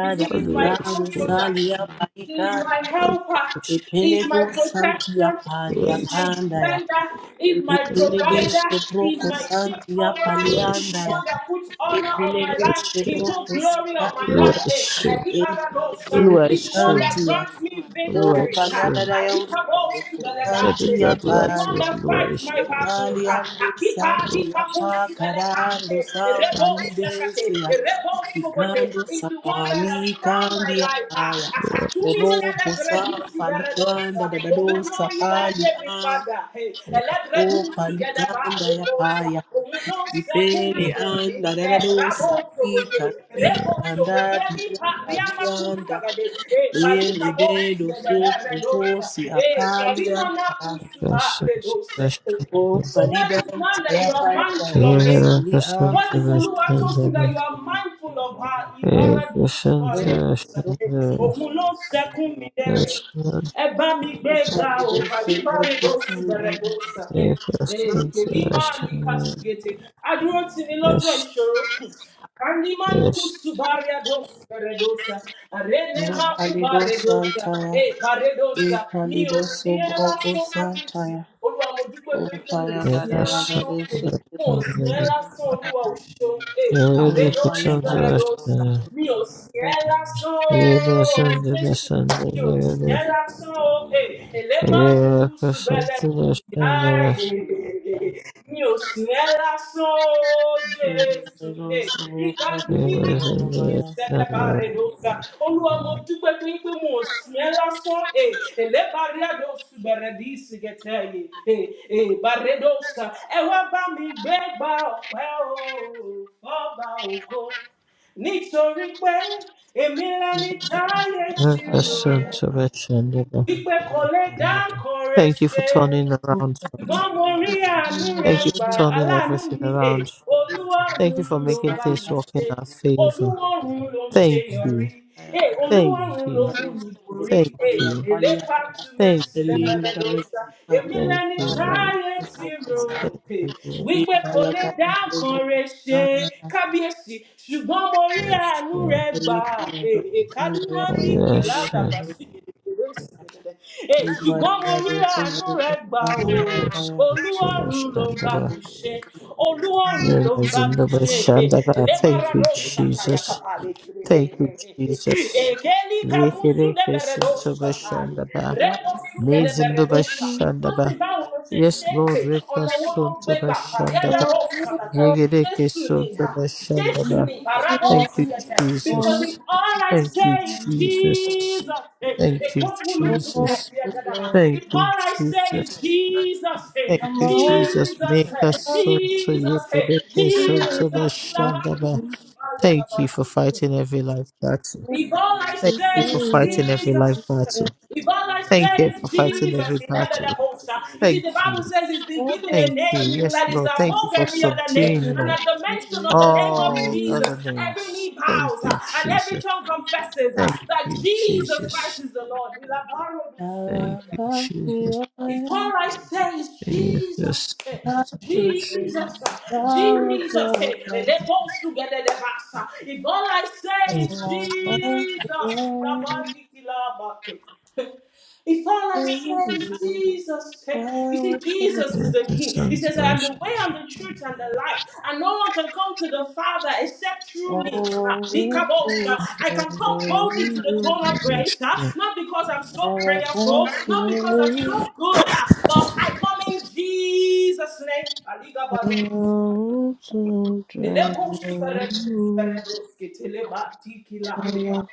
Speaker 3: you see,
Speaker 1: da
Speaker 3: he's
Speaker 2: Oluwa
Speaker 3: my
Speaker 1: ikado
Speaker 2: Eshe,
Speaker 3: comforter,
Speaker 1: sale ya
Speaker 3: he's
Speaker 1: palikan
Speaker 3: my
Speaker 2: Oluwa
Speaker 3: helper,
Speaker 2: Eshe,
Speaker 3: he's
Speaker 1: Ipelego
Speaker 3: my
Speaker 1: Santia
Speaker 3: protection,
Speaker 1: Palia
Speaker 2: Oluwa
Speaker 3: he's my
Speaker 1: Candaya.
Speaker 3: defender, he's my
Speaker 1: Ipelege
Speaker 3: provider,
Speaker 2: Eshe,
Speaker 3: he's
Speaker 1: soproko
Speaker 3: my shade
Speaker 1: santi ya. Santia
Speaker 3: coverer,
Speaker 2: Oluwa
Speaker 3: he's the
Speaker 2: Eshe,
Speaker 1: Paliandaya.
Speaker 3: one that puts honor on my
Speaker 1: Ipelege
Speaker 3: life, he put
Speaker 1: Soproco
Speaker 3: glory on my
Speaker 2: Oluwa
Speaker 3: life,
Speaker 1: Santaya.
Speaker 3: eh, and
Speaker 2: Eshe,
Speaker 3: he has a boss, ah,
Speaker 2: Oluwa
Speaker 1: Ipelege
Speaker 3: he's the one
Speaker 2: Eshe,
Speaker 3: that
Speaker 1: Santia.
Speaker 3: grants me
Speaker 1: O
Speaker 2: Oluwa
Speaker 3: victory. ha.
Speaker 2: Eshe.
Speaker 3: Ah,
Speaker 1: Paladaya
Speaker 3: he has a
Speaker 1: Soproco
Speaker 3: boss,
Speaker 2: Let the
Speaker 1: Santia ya.
Speaker 3: He's the
Speaker 2: Jadura
Speaker 3: one
Speaker 2: to
Speaker 1: pali ya.
Speaker 3: that
Speaker 2: Oluwa
Speaker 3: fights
Speaker 2: Eshe,
Speaker 3: my battles.
Speaker 1: Aliando
Speaker 3: Akipa
Speaker 2: Oluwa
Speaker 1: Santia
Speaker 3: likapu
Speaker 1: Pacarando
Speaker 3: shubelekate. Rebo shakate.
Speaker 1: Sampalidesia
Speaker 3: Rebo shobote.
Speaker 1: Picando
Speaker 3: He's the one that has
Speaker 1: Sapali
Speaker 3: crowned my
Speaker 1: Candia
Speaker 3: life. Oh,
Speaker 1: Paya
Speaker 3: we Akatumi
Speaker 1: Ropo
Speaker 3: celebredisi beredosa.
Speaker 1: Sampalicanda Dadado
Speaker 3: Owunomi
Speaker 1: Sapali
Speaker 3: together.
Speaker 1: A
Speaker 3: pada.
Speaker 1: O
Speaker 3: Elebredu sugedeba
Speaker 1: Palicanda ya
Speaker 3: reposa.
Speaker 1: Paya
Speaker 3: Owuno
Speaker 1: Ipele
Speaker 3: sekumi deri.
Speaker 1: Anda Dadado
Speaker 3: Rabo
Speaker 1: Sapi
Speaker 3: shobote.
Speaker 1: Kandi
Speaker 3: Rebo
Speaker 1: Kandati
Speaker 3: Veli pariama kusa
Speaker 1: Alianda
Speaker 3: E parika
Speaker 1: Ele
Speaker 3: bosi
Speaker 1: Dedo
Speaker 3: de
Speaker 1: Sopo
Speaker 3: beredosa.
Speaker 1: Fosi
Speaker 3: E karima na
Speaker 1: Apalianta
Speaker 2: Eshe,
Speaker 3: redose.
Speaker 1: O
Speaker 3: For what
Speaker 1: Palida,
Speaker 3: is man that you are
Speaker 1: Tayapaya,
Speaker 3: mindful
Speaker 1: Garo,
Speaker 3: of him?
Speaker 1: Saliam,
Speaker 3: What is
Speaker 2: Oluwa
Speaker 3: Oluwa talking that
Speaker 2: Eshe.
Speaker 3: you are mindful of her?
Speaker 2: Hey,
Speaker 3: Ibaradu
Speaker 1: O
Speaker 2: Christians,
Speaker 3: superior.
Speaker 2: uh,
Speaker 1: O
Speaker 2: Christians,
Speaker 3: Omulo sekun
Speaker 2: uh,
Speaker 3: midere.
Speaker 2: Christians,
Speaker 3: Eba mi
Speaker 1: O
Speaker 3: bega
Speaker 1: Palido,
Speaker 3: o pa liba
Speaker 1: Sebo,
Speaker 3: regosi
Speaker 1: Kusuma,
Speaker 3: beregosa. Hey,
Speaker 2: hey,
Speaker 3: hey,
Speaker 2: Christians, uh,
Speaker 3: kelima alika
Speaker 2: Christians,
Speaker 3: sugete. Adúró tì ní lọ́jọ́
Speaker 2: yes,
Speaker 3: ìṣòro. Kanimanuku
Speaker 2: yes,
Speaker 3: subaria dos redosa. Arene
Speaker 1: O
Speaker 3: maku
Speaker 1: Palido,
Speaker 3: baredosa.
Speaker 1: Santaya,
Speaker 3: Hey, baredosa.
Speaker 1: E
Speaker 3: Mi ò
Speaker 1: Palido,
Speaker 3: sí ẹ
Speaker 1: Sobo, O
Speaker 3: lásán kábíyèsí.
Speaker 1: Santaya,
Speaker 3: Olúwa mo dúpẹ́
Speaker 1: O
Speaker 3: torí pé mi ò
Speaker 1: Paya,
Speaker 2: hey,
Speaker 3: sí ẹ
Speaker 1: Gadara,
Speaker 2: Christians,
Speaker 3: lásán
Speaker 1: Garo,
Speaker 3: pé
Speaker 2: uh,
Speaker 1: Sobo,
Speaker 3: mo ò sí
Speaker 2: Christians,
Speaker 3: ẹ
Speaker 2: hey,
Speaker 3: lásán olúwa ò ṣeun. Hey,
Speaker 1: O
Speaker 2: the
Speaker 3: àrédọ́sí
Speaker 1: Paya,
Speaker 2: Christians,
Speaker 3: bẹ̀rẹ̀
Speaker 1: Batu,
Speaker 2: uh,
Speaker 3: lọ́sà
Speaker 2: Christians,
Speaker 3: mi ò sí ẹ lásán
Speaker 2: hey,
Speaker 3: o,
Speaker 2: Christians, the
Speaker 3: Jésù
Speaker 2: Christians,
Speaker 3: Dios,
Speaker 2: uh,
Speaker 3: yera so, eh,
Speaker 2: hey,
Speaker 3: elemanduku subele.
Speaker 2: Christians, the Christians, uh, hey, Christians, the Christians, uh,
Speaker 3: Aye, mi ò sìn ẹ́ lásán o,
Speaker 1: Garo,
Speaker 3: Eh,
Speaker 1: Sobo,
Speaker 2: hey,
Speaker 3: mi
Speaker 1: Kusuma,
Speaker 3: ní
Speaker 1: Taya,
Speaker 3: mi
Speaker 2: Christians,
Speaker 1: Baya,
Speaker 2: the
Speaker 3: sẹ́dẹ̀
Speaker 2: Christians,
Speaker 3: bá
Speaker 2: uh.
Speaker 3: rẹ̀ ló ga. Olúwa mo dúpẹ́ Eh, ẹlẹ́bàárí àdó oṣù bẹ̀rẹ̀ Eh, eh, bàrẹ̀ ló sà. Ẹ bá mi gbé gba ọ̀pẹ́ o, ògo nítorí pé èmi lẹni táyé ti
Speaker 1: Taya,
Speaker 3: rò
Speaker 1: Baya,
Speaker 3: wípé kò lè dá nǹkan rẹ̀
Speaker 2: Thank you for
Speaker 3: ṣe
Speaker 2: turning around, Lord.
Speaker 3: ṣùgbọ́n mo rí àánú rẹ
Speaker 2: Thank you for
Speaker 3: gbà
Speaker 2: turning
Speaker 3: aláàánú
Speaker 2: everything
Speaker 3: mi è
Speaker 2: around. Thank
Speaker 3: olúwọ̀run
Speaker 2: you for
Speaker 3: ló ń
Speaker 2: making
Speaker 3: bá
Speaker 1: Sapi,
Speaker 2: things
Speaker 3: mi
Speaker 2: work
Speaker 3: ṣe
Speaker 2: in our favor.
Speaker 3: olúwọ̀run ló ń ṣe
Speaker 2: Thank
Speaker 3: yọrí
Speaker 2: you.
Speaker 1: Apaya,
Speaker 3: è
Speaker 2: Thank
Speaker 3: olúwọ̀run ló
Speaker 2: you.
Speaker 3: mú
Speaker 1: Garo,
Speaker 3: mi borí
Speaker 1: Sobo,
Speaker 2: Thank
Speaker 3: è
Speaker 2: you.
Speaker 3: èlé
Speaker 1: Saliam,
Speaker 2: Thank
Speaker 3: pàtúmẹ̀sì
Speaker 1: The
Speaker 2: you.
Speaker 1: name that
Speaker 3: dẹ́gbẹ́dẹ́gbẹ́sà
Speaker 1: I
Speaker 3: èmi
Speaker 1: recognize is
Speaker 2: Thank
Speaker 3: lẹni
Speaker 1: Baba
Speaker 2: you.
Speaker 3: táyé ti rò
Speaker 1: Kusaya.
Speaker 2: Thank
Speaker 3: pé
Speaker 2: you. Lord.
Speaker 3: wípé kò
Speaker 1: Ikaya
Speaker 3: lè
Speaker 1: Kato
Speaker 3: dá nǹkan
Speaker 1: Sobo
Speaker 3: rẹ ṣe
Speaker 1: Nana.
Speaker 3: kábíyèsí ṣùgbọ́n mo rí
Speaker 2: Yes,
Speaker 3: àánú
Speaker 2: Lord.
Speaker 3: rẹ gbà
Speaker 1: Eli Kaya
Speaker 3: è
Speaker 1: Kato Sobo
Speaker 3: èkálú
Speaker 1: Yabaya
Speaker 3: mọ́ndíkì
Speaker 1: Kato
Speaker 2: Yes,
Speaker 3: ládàbà
Speaker 1: Sobo.
Speaker 3: sí mi Hey,
Speaker 1: Ikaya
Speaker 3: ṣùgbọ́n mo
Speaker 1: Kato
Speaker 3: rí
Speaker 1: Sobo
Speaker 3: àánú rẹ̀ gbà o.
Speaker 1: Kusaya
Speaker 2: Lord.
Speaker 1: Yabaya.
Speaker 2: Yes, Lord.
Speaker 3: Olúwọ̀run ló ń bá
Speaker 1: Oh,
Speaker 2: Shandaba.
Speaker 3: mi ṣe. Olúwọ̀run
Speaker 1: Kanda
Speaker 3: ló ń
Speaker 2: Yes,
Speaker 3: bá
Speaker 1: Kato
Speaker 3: mi
Speaker 2: Lord.
Speaker 3: ṣe.
Speaker 1: Sobo.
Speaker 2: Shandaba. Thank you,
Speaker 3: Ẹlẹ́bàràdó ṣàtàyà
Speaker 2: Jesus.
Speaker 3: kàpàlẹ̀ kiri.
Speaker 2: Thank you, Jesus.
Speaker 3: Èkéli kàmúsù
Speaker 2: Yekereke
Speaker 3: lẹ́bẹ̀rẹ̀dó
Speaker 2: Sintoba
Speaker 3: ṣàtàyà.
Speaker 1: Oh,
Speaker 2: Shandaba.
Speaker 3: Rẹ́wọ̀ súnkẹ̀dẹ̀ bẹ̀rẹ̀dó
Speaker 2: Nezindoba
Speaker 3: ṣà.
Speaker 1: Kiki.
Speaker 3: Tó sì
Speaker 2: Shandaba.
Speaker 3: báwo ló ṣe ṣe
Speaker 2: Yes,
Speaker 3: é pé
Speaker 2: Lord. Reka
Speaker 3: ọ̀nà wo ló gbé
Speaker 2: Suntoba
Speaker 3: gbà pàrí
Speaker 2: Shandaba.
Speaker 1: Oh, oh,
Speaker 3: àdàbọ̀ ṣàtàtà.
Speaker 1: oh,
Speaker 3: Jésù ni ìhà. Jésù ni
Speaker 2: Yegerekesotobashandaba.
Speaker 3: ìbàràdó
Speaker 2: Thank you,
Speaker 1: yeah.
Speaker 3: ṣùgẹ̀tẹ̀. Because
Speaker 1: Oh, oh, oh.
Speaker 3: if
Speaker 2: Jesus.
Speaker 3: all I
Speaker 2: Thank you,
Speaker 3: say is
Speaker 2: Jesus.
Speaker 3: Jesus eh, eh,
Speaker 2: Thank you,
Speaker 1: I'm
Speaker 3: kwangulunkupe,
Speaker 2: Jesus.
Speaker 3: dear Dadaba. If
Speaker 2: Thank you,
Speaker 3: all I say is
Speaker 2: Jesus.
Speaker 3: Jesus, eh,
Speaker 2: Thank you,
Speaker 1: all
Speaker 2: Jesus.
Speaker 3: Jesus,
Speaker 2: Make us
Speaker 3: eh,
Speaker 1: up
Speaker 2: so to you,
Speaker 3: Jesus,
Speaker 2: the
Speaker 3: eh,
Speaker 2: naked son to
Speaker 3: Jesus,
Speaker 2: Yegerekesotobashandaba.
Speaker 3: Ilabandukutu, ah,
Speaker 2: Thank you for
Speaker 3: Dadaba.
Speaker 2: fighting every life battle.
Speaker 3: If all I
Speaker 2: Thank
Speaker 1: in
Speaker 2: you
Speaker 3: say is
Speaker 2: for fighting
Speaker 1: the
Speaker 2: every life
Speaker 3: Jesus,
Speaker 2: battle.
Speaker 3: if all I
Speaker 2: Thank
Speaker 3: say
Speaker 2: you for
Speaker 3: is
Speaker 1: lean
Speaker 2: fighting
Speaker 3: Jesus,
Speaker 2: every
Speaker 3: in heaven
Speaker 2: battle.
Speaker 3: above, sir. you see,
Speaker 2: Thank
Speaker 3: the Bible
Speaker 2: you.
Speaker 3: says he's been given a
Speaker 2: Thank
Speaker 1: Thank
Speaker 2: you.
Speaker 3: name
Speaker 2: Yes,
Speaker 3: that is
Speaker 2: Lord. Thank you
Speaker 3: above
Speaker 2: for
Speaker 3: every other name.
Speaker 2: subduing,
Speaker 3: And
Speaker 2: Lord.
Speaker 3: at the mention of the name of
Speaker 2: all
Speaker 3: Jesus,
Speaker 2: other
Speaker 3: every
Speaker 2: names.
Speaker 3: knee
Speaker 2: Thank
Speaker 3: bows uh,
Speaker 2: you,
Speaker 3: and every
Speaker 2: Jesus.
Speaker 3: tongue confesses uh,
Speaker 2: Thank
Speaker 3: that
Speaker 2: you,
Speaker 3: Jesus Christ
Speaker 2: Jesus.
Speaker 3: is the Lord.
Speaker 2: Thank you, Jesus.
Speaker 3: Before I say is
Speaker 2: Thank you,
Speaker 3: Jesus, eh,
Speaker 2: Jesus.
Speaker 3: Jesus, eh, Jesus, eh, lebos together the basa. If all I say
Speaker 2: Thank
Speaker 3: is
Speaker 2: you,
Speaker 3: Jesus, ilabandi kilabate. if all I say is Jesus, eh, you see, Jesus is the the King. He says, I am the way, I'm the truth, and the life. And no one can come to the Father except through me. Ah, Likabosha. I can come boldly to the throne of grace, ah,
Speaker 2: Jesus.
Speaker 3: not because I'm so prayerful, not because I'm so good, ah, but I come in Jesus' name. Aligabaru. Elekosuperedu, superedu, skiteleba, tikila, andeba.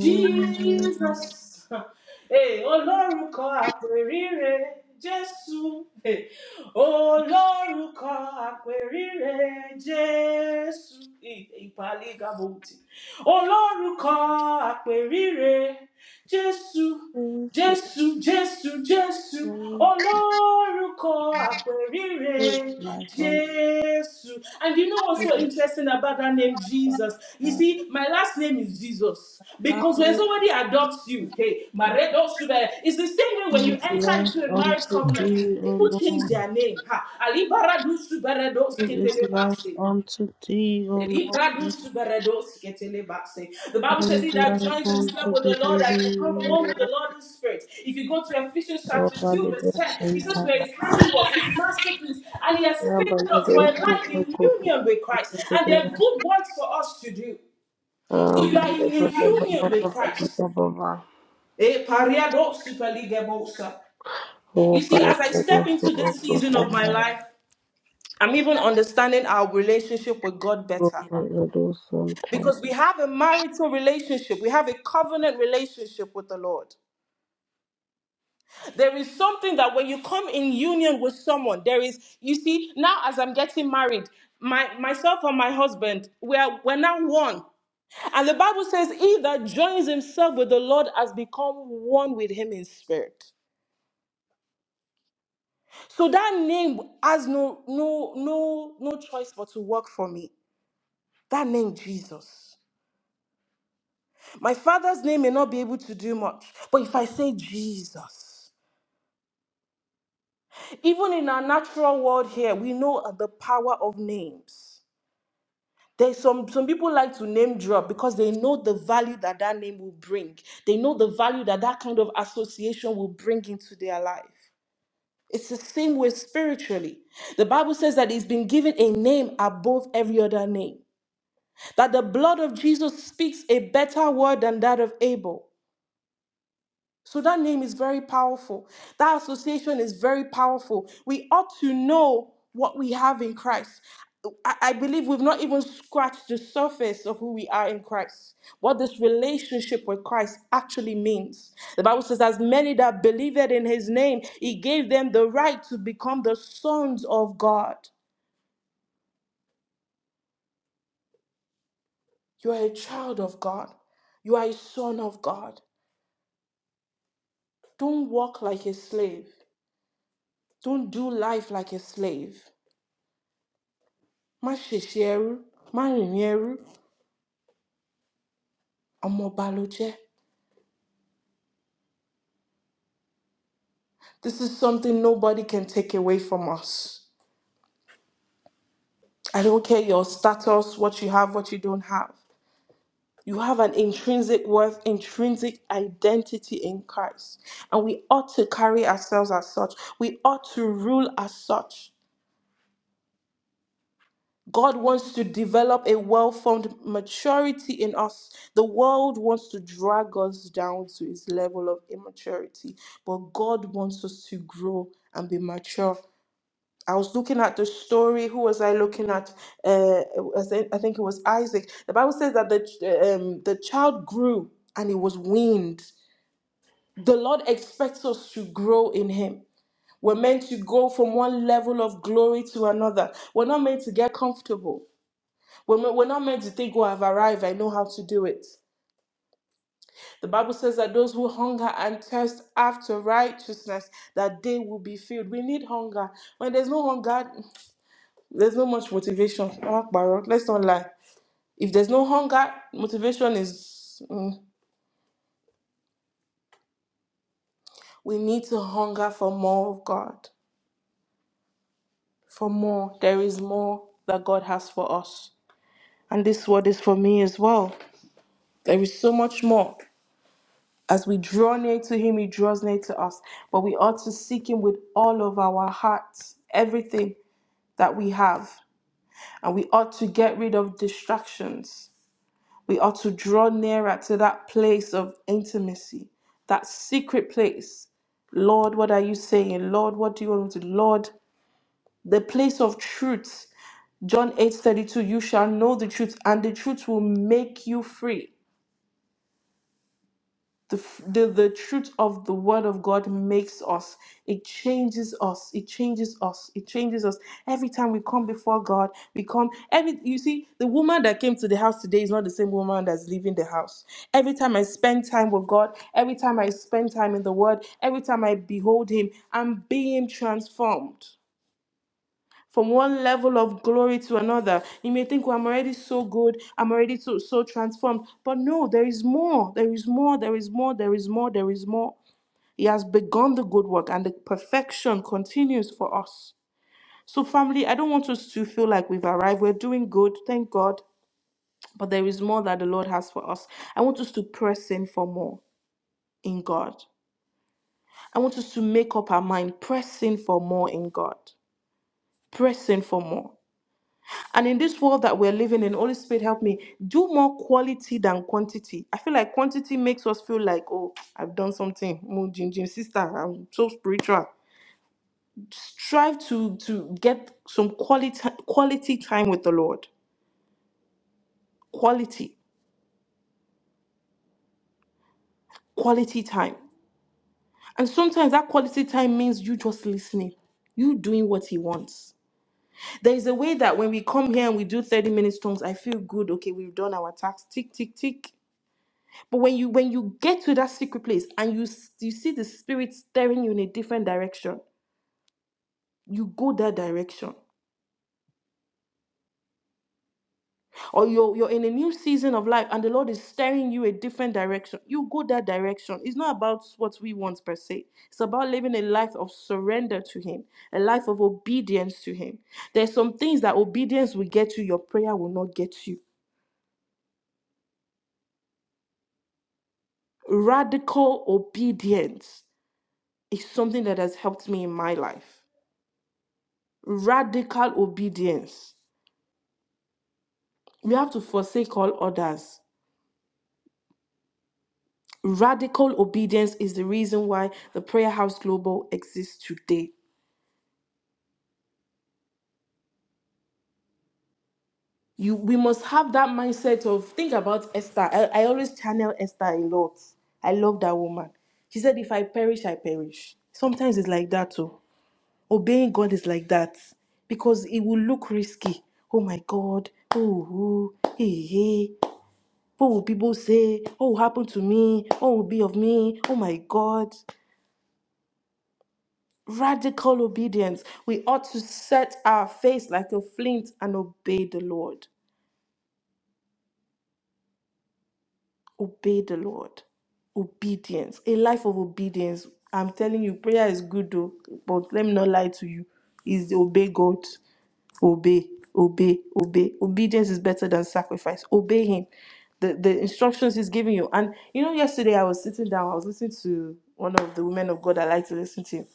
Speaker 3: Jesus. Hey, olórúkọ àpèrire Jésù. Hey, olórúkọ àpèrire Jésù. Hey, Ìpàlí gàbọ̀ǹtì. Olórúkọ àpèrire Jésù. Jésù, Jésù, Jésù,
Speaker 1: you.
Speaker 3: olórúkọ
Speaker 1: Who
Speaker 3: àpèrire,
Speaker 1: is like unto
Speaker 3: Jésù. And you know what's so interesting about that name, Jesus? You
Speaker 1: our
Speaker 3: see, my last name is Jesus. Because when
Speaker 1: Father,
Speaker 3: somebody adopts you, hey, Maredo Shube, it's the same way when
Speaker 1: who
Speaker 3: you
Speaker 1: is
Speaker 3: enter
Speaker 1: like
Speaker 3: into a marriage
Speaker 1: unto
Speaker 3: covenant,
Speaker 1: thee, O
Speaker 3: people change
Speaker 1: Lord,
Speaker 3: their name. Ha, Ali Baradu Shuberedo
Speaker 1: who is like
Speaker 3: Sketelebase.
Speaker 1: unto thee, O Lord,
Speaker 3: The
Speaker 1: who is
Speaker 3: Bible
Speaker 1: like
Speaker 3: says, He that joins himself
Speaker 1: unto
Speaker 3: with the Lord has
Speaker 1: thee,
Speaker 3: become
Speaker 1: O
Speaker 3: one with the
Speaker 1: Lord,
Speaker 3: Lord in spirit. If you go to Ephesians
Speaker 1: O
Speaker 3: chapter 2, verse
Speaker 1: Valido
Speaker 3: 10, it says,
Speaker 1: Santa,
Speaker 3: "Where his handiwork, his masterpiece, and he has created us for
Speaker 1: Valido
Speaker 3: a life
Speaker 1: Super
Speaker 3: in
Speaker 1: Copa,
Speaker 3: union with Christ. And there are good works for us to do. So
Speaker 1: Oh,
Speaker 3: you are in a union with Christ. Eh, pariado superligabosa. You see,
Speaker 1: by
Speaker 3: as I step
Speaker 1: the
Speaker 3: into this season of my life, I'm even understanding our relationship with God better.
Speaker 1: Lord, so Santa,
Speaker 3: Because we have a marital relationship, we have a covenant relationship with the Lord. There is something that when you come in union with someone, there is, you see, now as I'm getting married, my myself and my husband, we are we're now one. And the Bible says, He that joins himself with the Lord has become one with him in spirit. So that name has no no no no choice but to work for me. That name Jesus. My father's name may not be able to do much, but if I say Jesus, even in our natural world here, we know the power of names. There's some, some people like to name drop because they know the value that that name will bring. They know the value that that kind of association will bring into their life. It's the same way spiritually. The Bible says that he's been given a name above every other name, that the blood of Jesus speaks a better word than that of Abel. So that name is very powerful. That association is very powerful. We ought to know what we have in Christ. I, I believe we've not even scratched the surface of who we are in Christ, what this relationship with Christ actually means. The Bible says, As many that believed in his name, he gave them the right to become the sons of God. You are a child of God, you are a son of God. Don't walk like a slave, don't do life like a slave. má ṣèṣe ẹrú má rìnrìn ẹrú ọmọọba ló jẹ́. this is something nobody can take away from us i don't care your status what you have what you don't have you have an intrinsic worth intrinsic identity in christ and we ought to carry ourselves as such we ought to rule as such God wants to develop a well formed maturity in us. The world wants to drag us down to its level of immaturity, but God wants us to grow and be mature. I was looking at the story. Who was I looking at? Uh, I think I think it was Isaac. The Bible says that the um, the child grew and he was weaned. The Lord expects us to grow in Him. We're meant to go from one level of glory to another. We're not meant to get comfortable. When we're we're not meant to think, oh, I've arrived, I know how to do it. The Bible says that those who hunger and thirst after righteousness, that they will be filled. We need hunger. When there's no hunger, there's no much motivation. Akbaro, Let's not lie. If there's no hunger, motivation is. mm, we need to hunger for more of God. For more. There is more that God has for us. And this word is for me as well. There is so much more. As we draw near to him, he draws near to us. But we ought to seek him with all of our hearts, everything that we have. And we ought to get rid of distractions. We ought to draw nearer to that place of intimacy, that secret place. Lord, what are you saying? Lord, what do you want me to? do? Lord, the place of truth. John 8 32 you shall know the truth, and the truth will make you free. the, f- the the truth of the word of god makes us it changes us it changes us it changes us every time we come before god we come every you see the woman that came to the house today is not the same woman that's leaving the house every time i spend time with god every time i spend time in the word every time i behold him i'm being transformed from one level of glory to another. You may think, well, I'm already so good, I'm already so, so transformed. But no, there is more, there is more, there is more, there is more, there is more. He has begun the good work, and the perfection continues for us. So, family, I don't want us to feel like we've arrived. We're doing good, thank God. But there is more that the Lord has for us. I want us to press in for more in God. I want us to make up our mind, press in for more in God pressing for more. And in this world that we're living in, Holy Spirit, help me do more quality than quantity. I feel like quantity makes us feel like, oh, I've done something. Oh, Jim, Jim, sister, I'm so spiritual. Strive to to get some quality quality time with the Lord. Quality, quality time. And sometimes that quality time means you just listening, you doing what He wants. There is a way that when we come here and we do 30 minutes tongues, I feel good. Okay, we've done our task. Tick, tick, tick. But when you when you get to that secret place and you s- you see the spirit staring you in a different direction, you go that direction. Or you're you're in a new season of life and the Lord is staring you a different direction. You go that direction. It's not about what we want per se. It's about living a life of surrender to Him, a life of obedience to Him. There's some things that obedience will get you, your prayer will not get you. Radical obedience is something that has helped me in my life. Radical obedience. We have to forsake all others. Radical obedience is the reason why the Prayer House Global exists today. You, we must have that mindset of think about Esther. I, I always channel Esther a lot. I love that woman. She said, "If I perish, I perish." Sometimes it's like that too. Obeying God is like that because it will look risky. Oh my God! Oh, oh, hey, hey. What will people say? What will happen to me? What will be of me? Oh my God! Radical obedience. We ought to set our face like a flint and obey the Lord. Obey the Lord. Obedience. A life of obedience. I'm telling you, prayer is good though, but let me not lie to you. Is obey God. Obey, obey, obey. Obedience is better than sacrifice. Obey Him. The the instructions He's giving you. And you know, yesterday I was sitting down, I was listening to one of the women of God I like to listen to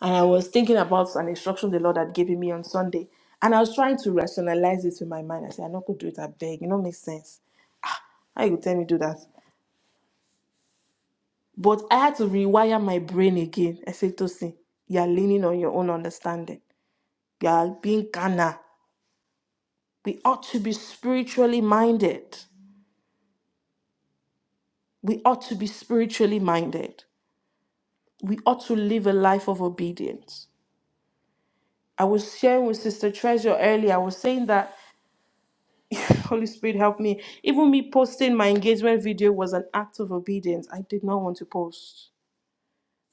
Speaker 3: And I was thinking about an instruction the Lord had given me on Sunday. And I was trying to rationalize it in my mind. I said, I'm not going to do it, I beg. It don't make sense. How you go tell me do that? But I had to rewire my brain again. I said, Tosin, you are leaning on your own understanding. You are being carnal. We ought to be spiritually minded. We ought to be spiritually minded. We ought to live a life of obedience. I was sharing with Sister Treasure earlier. I was saying that Holy Spirit, help me. Even me posting my engagement video was an act of obedience. I did not want to post.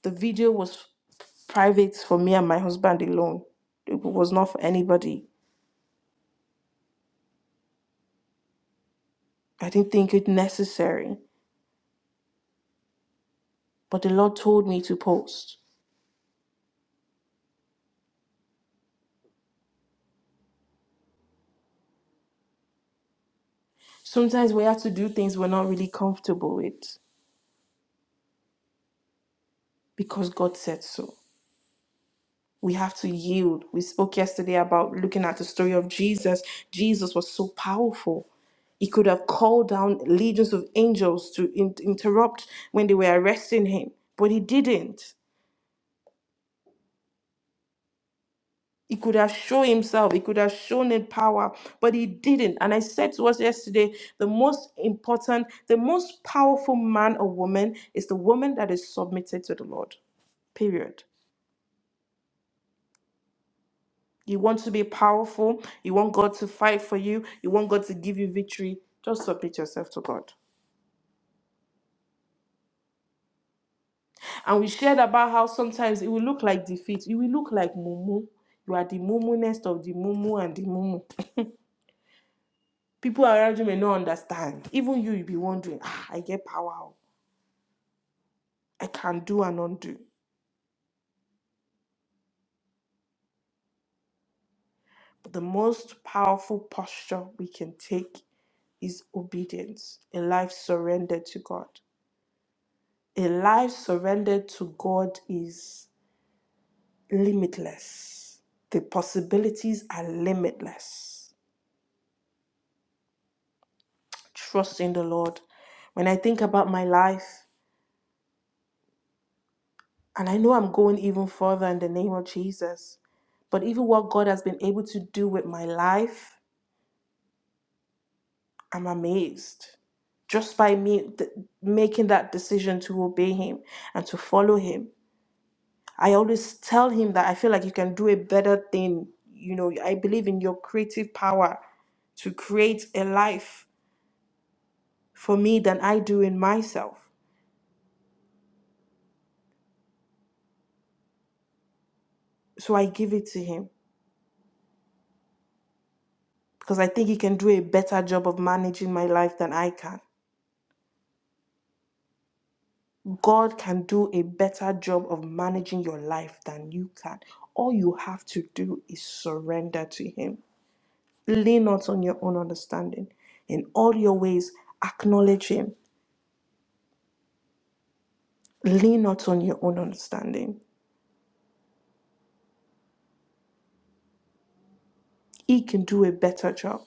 Speaker 3: The video was private for me and my husband alone, it was not for anybody. I didn't think it necessary, but the Lord told me to post. Sometimes we have to do things we're not really comfortable with because God said so. we have to yield. We spoke yesterday about looking at the story of Jesus. Jesus was so powerful. He could have called down legions of angels to in- interrupt when they were arresting him, but he didn't. He could have shown himself, he could have shown in power, but he didn't. And I said to us yesterday the most important, the most powerful man or woman is the woman that is submitted to the Lord. Period. You want to be powerful. You want God to fight for you. You want God to give you victory. Just submit yourself to God. And we shared about how sometimes it will look like defeat. It will look like mumu. You are the mumunest of the mumu and the mumu. People around you may not understand. Even you, you'll be wondering, ah, I get power. oh. I can do and undo. But the most powerful posture we can take is obedience, a life surrendered to God. A life surrendered to God is limitless. The possibilities are limitless. Trust in the Lord. When I think about my life, and I know I'm going even further in the name of Jesus, but even what God has been able to do with my life, I'm amazed. Just by me th- making that decision to obey Him and to follow Him, I always tell Him that I feel like you can do a better thing. You know, I believe in your creative power to create a life for me than I do in myself. So I give it to Him because I think He can do a better job of managing my life than I can. God can do a better job of managing your life than you can. All you have to do is surrender to Him. Lean not on your own understanding. In all your ways, acknowledge Him. Lean not on your own understanding. He can do a better job.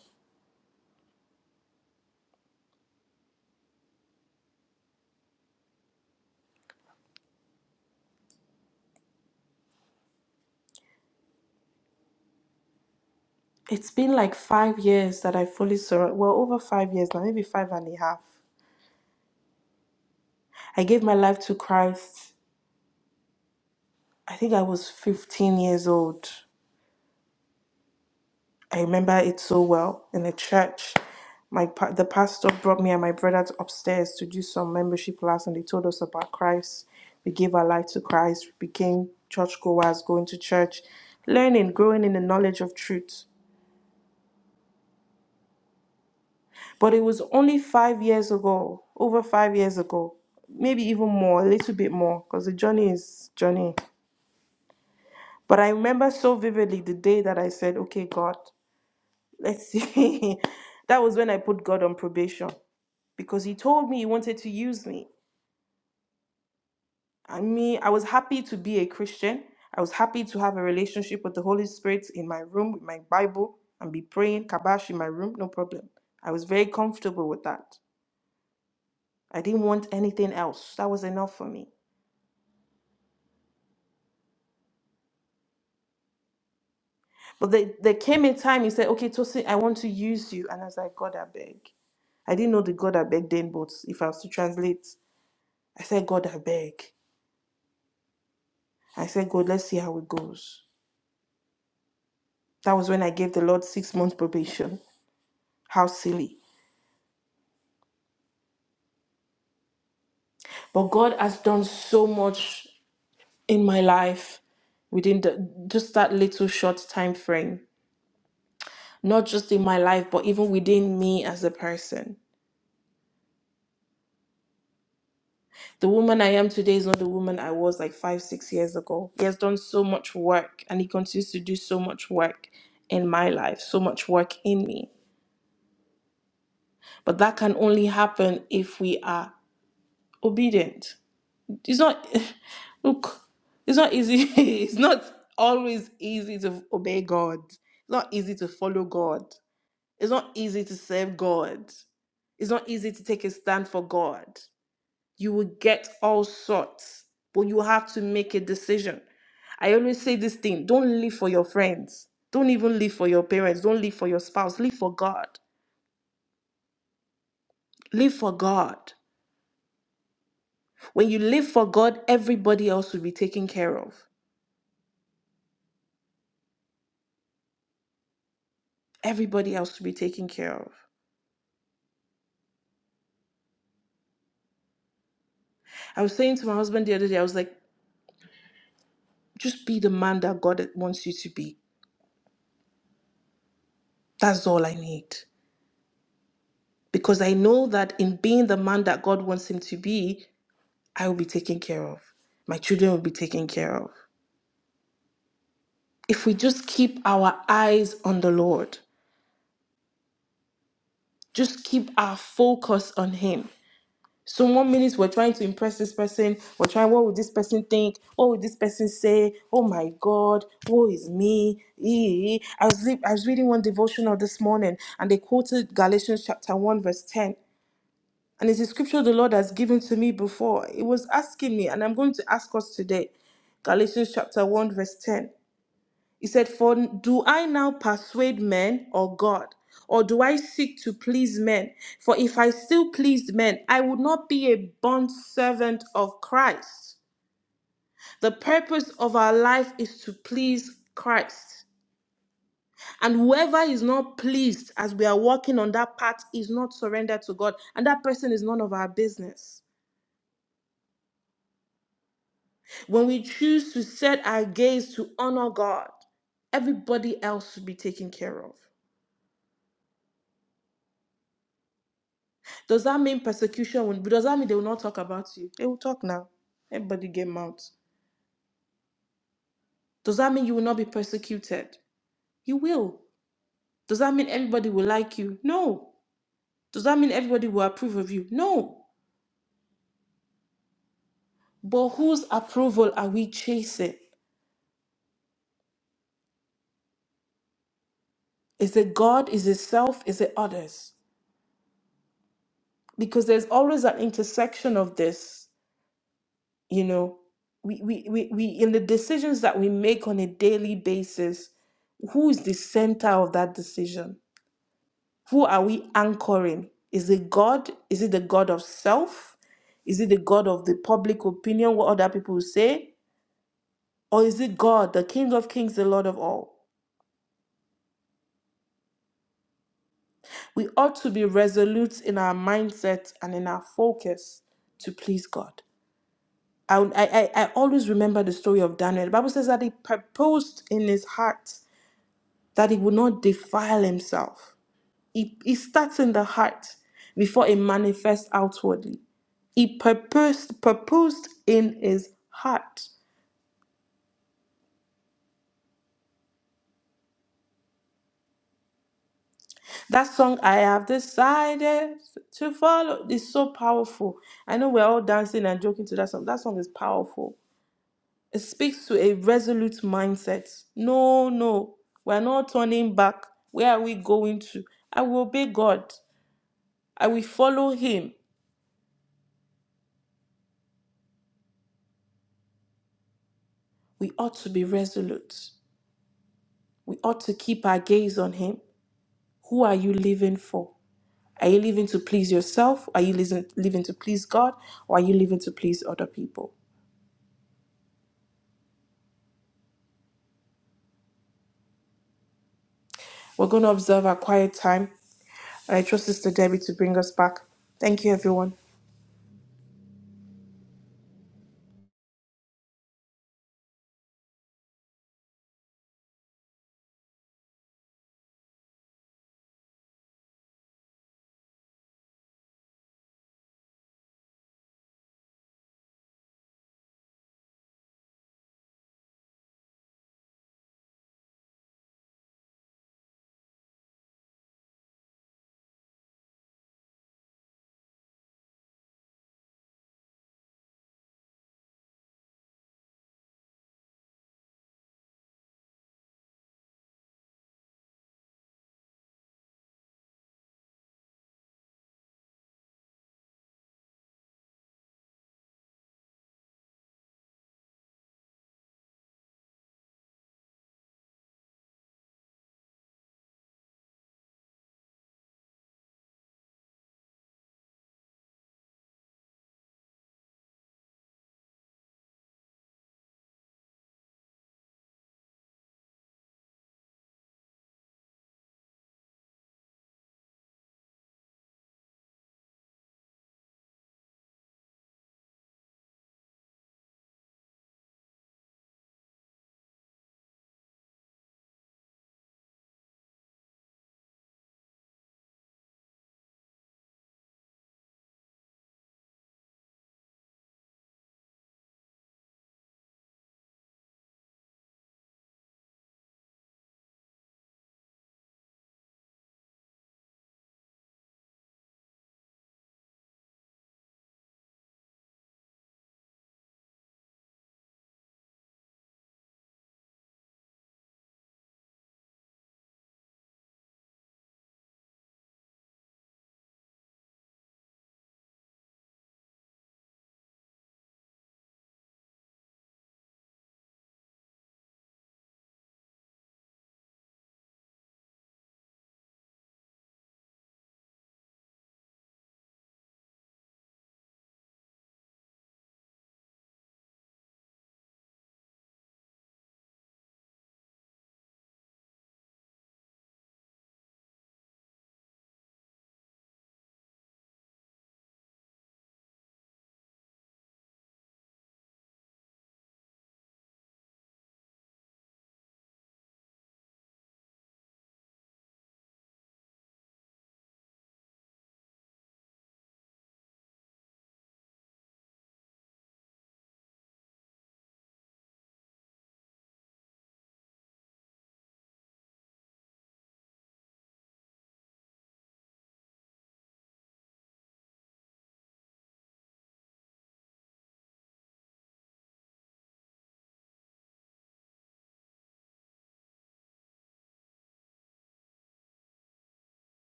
Speaker 3: It's been like five years that I fully surrendered. Well, over five years now, maybe five and a half I gave my life to Christ. I think I was 15 years old. I remember it so well in a church. My pa- the pastor brought me and my brother to- upstairs to do some membership class, and they told us about Christ. We gave our life to Christ, we became churchgoers, going to church, learning, growing in the knowledge of truth. But it was only five years ago, over five years ago, maybe even more, a little bit more, because the journey is journey. But I remember so vividly the day that I said, "Okay, God." Let's see. that was when I put God on probation because he told me he wanted to use me. I mean, I was happy to be a Christian. I was happy to have a relationship with the Holy Spirit in my room with my Bible and be praying kabash in my room, no problem. I was very comfortable with that. I didn't want anything else. That was enough for me. But there, there came a time he said, Okay, Tosin, I want to use you. And I was like, God, I beg. I didn't know the God I beg then, but if I was to translate, I said, God, I beg. I said, God, let's see how it goes. That was when I gave the Lord six months probation. How silly. But God has done so much in my life within the, just that little short time frame. Not just in my life, but even within me as a person. The woman I am today is not the woman I was like five, six years ago. He has done so much work and he continues to do so much work in my life, so much work in me. But that can only happen if we are obedient it's not look it's not easy it's not always easy to obey god it's not easy to follow god it's not easy to serve god it's not easy to take a stand for god you will get all sorts but you have to make a decision i always say this thing don't live for your friends don't even live for your parents don't live for your spouse live for god live for god when you live for god everybody else will be taken care of everybody else to be taken care of. I was saying to my husband the other day, I was like, just be the man that God wants you to be. That's all I need. Because I know that in being the man that God wants him to be, I will be taken care of. My children will be taken care of. If we just keep our eyes on the Lord, just keep our focus on Him, So one minute we're trying to impress this person, we're trying, what would this person think? What would this person say? Oh my God, woe is me. Ee. I was, re- I was reading one devotional this morning and they quoted Galatians chapter 1, verse 10. And it's a scripture the Lord has given to me before. It was asking me, and I'm going to ask us today. Galatians chapter 1, verse 10. He said, For do I now persuade men or God? Or do I seek to please men? For if I still pleased men, I would not be a bond servant of Christ. The purpose of our life is to please Christ. And whoever is not pleased as we are walking on that path is not surrendered to God. And that person is none of our business. When we choose to set our gaze to honor God, everybody else should be taken care of. Does that mean persecution will, does that mean they will not talk about you? They will talk now. Everybody get mouth. Does that mean you will not be persecuted? You will. Does that mean everybody will like you? No. Does that mean everybody will approve of you? No. But whose approval are we chasing? Is it God? Is it self? Is it others? Because there's always an intersection of this, you know. We, we, we, we in the decisions that we make on a daily basis, who is the center of that decision? Who are we anchoring? Is it God? Is it the God of self? Is it the God of the public opinion, what other people say? Or is it God, the King of Kings, the Lord of all? We ought to be resolute in our mindset and in our focus to please God. I, I, I I always remember the story of Daniel. The Bible says that he purposed in his heart that he would not defile himself. It, it starts in the heart before it manifests outwardly. he purposed purposed in his heart. That song I have decided to follow is so powerful. I know we're all dancing and joking to that song. That song is powerful. It speaks to a resolute mindset. No, no, we're not turning back. Where are we going to? I will obey God. I will follow Him. We ought to be resolute. We ought to keep our gaze on Him. Who are you living for? Are you living to please yourself? Are you listen- living to please God? Or are you living to please other people? We're going to observe our quiet time. And I trust Sister Debbie to bring us back. Thank you, everyone.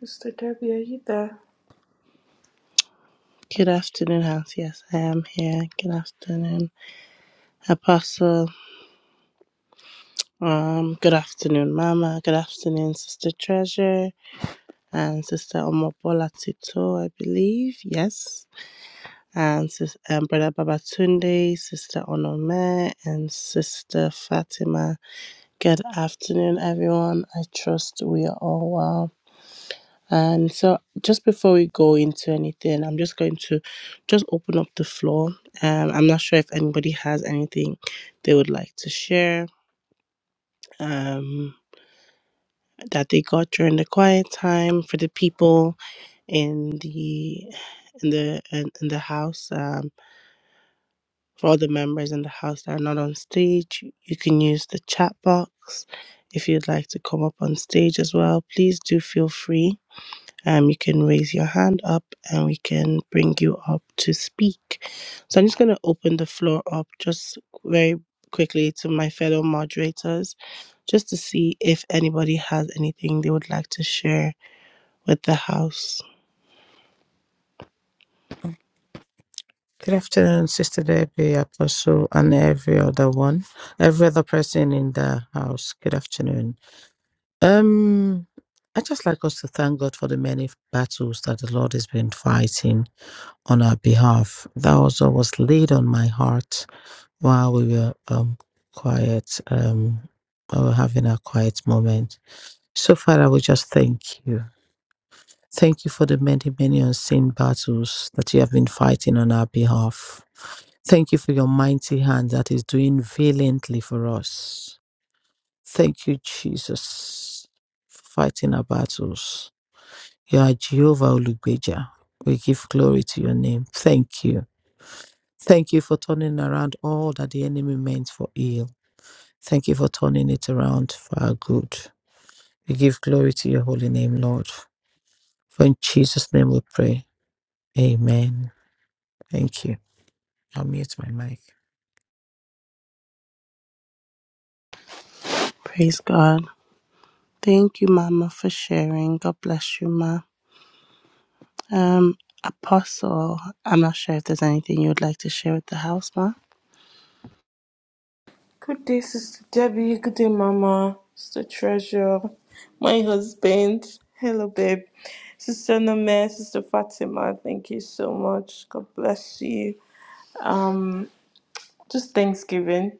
Speaker 3: Sister Debbie, are you there?
Speaker 1: Good afternoon, Hans. Yes, I am here. Good afternoon, Apostle. Um, good afternoon, Mama. Good afternoon, Sister Treasure and Sister Omobola Tito, I believe. Yes, and Sis um, Brother Babatunde, Sister Onome, and Sister Fatima. Good afternoon, everyone. I trust we are all well. And so, just before we go into anything, I'm just going to just open up the floor. Um, I'm not sure if anybody has anything they would like to share um, that they got during the quiet time for the people in the in the in, in the house. Um, for all the members in the house that are not on stage, you can use the chat box. If you'd like to come up on stage as well, please do feel free. Um, you can raise your hand up and we can bring you up to speak. So I'm just going to open the floor up just very quickly to my fellow moderators just to see if anybody has anything they would like to share with the house.
Speaker 2: Good afternoon, Sister Debbie, Apostle, and every other one, every other person in the house. Good afternoon. Um, I just like us to thank God for the many battles that the Lord has been fighting on our behalf. That also was laid on my heart while we were um, quiet, um, while we were having our quiet moment. So, Father, we just thank you. Thank you for the many, many unseen battles that you have been fighting on our behalf. Thank you for your mighty hand that is doing valiantly for us. Thank you, Jesus, for fighting our battles. You are Jehovah Olugbeja. We give glory to your name. Thank you. Thank you for turning around all that the enemy meant for ill. Thank you for turning it around for our good. We give glory to your holy name, Lord. For in Jesus' name we pray. Amen. Thank you. I'll mute my mic.
Speaker 1: Praise God. Thank you, Mama, for sharing. God bless you, Ma. Um, Apostle, I'm not sure if there's anything you would like to share with the house, Ma.
Speaker 3: Good day, Sister Debbie. Good day, Mama. Sister Treasure. My husband. Hello, babe. Sister Name, Sister Fatima, thank you so much. God bless you. Um, just Thanksgiving.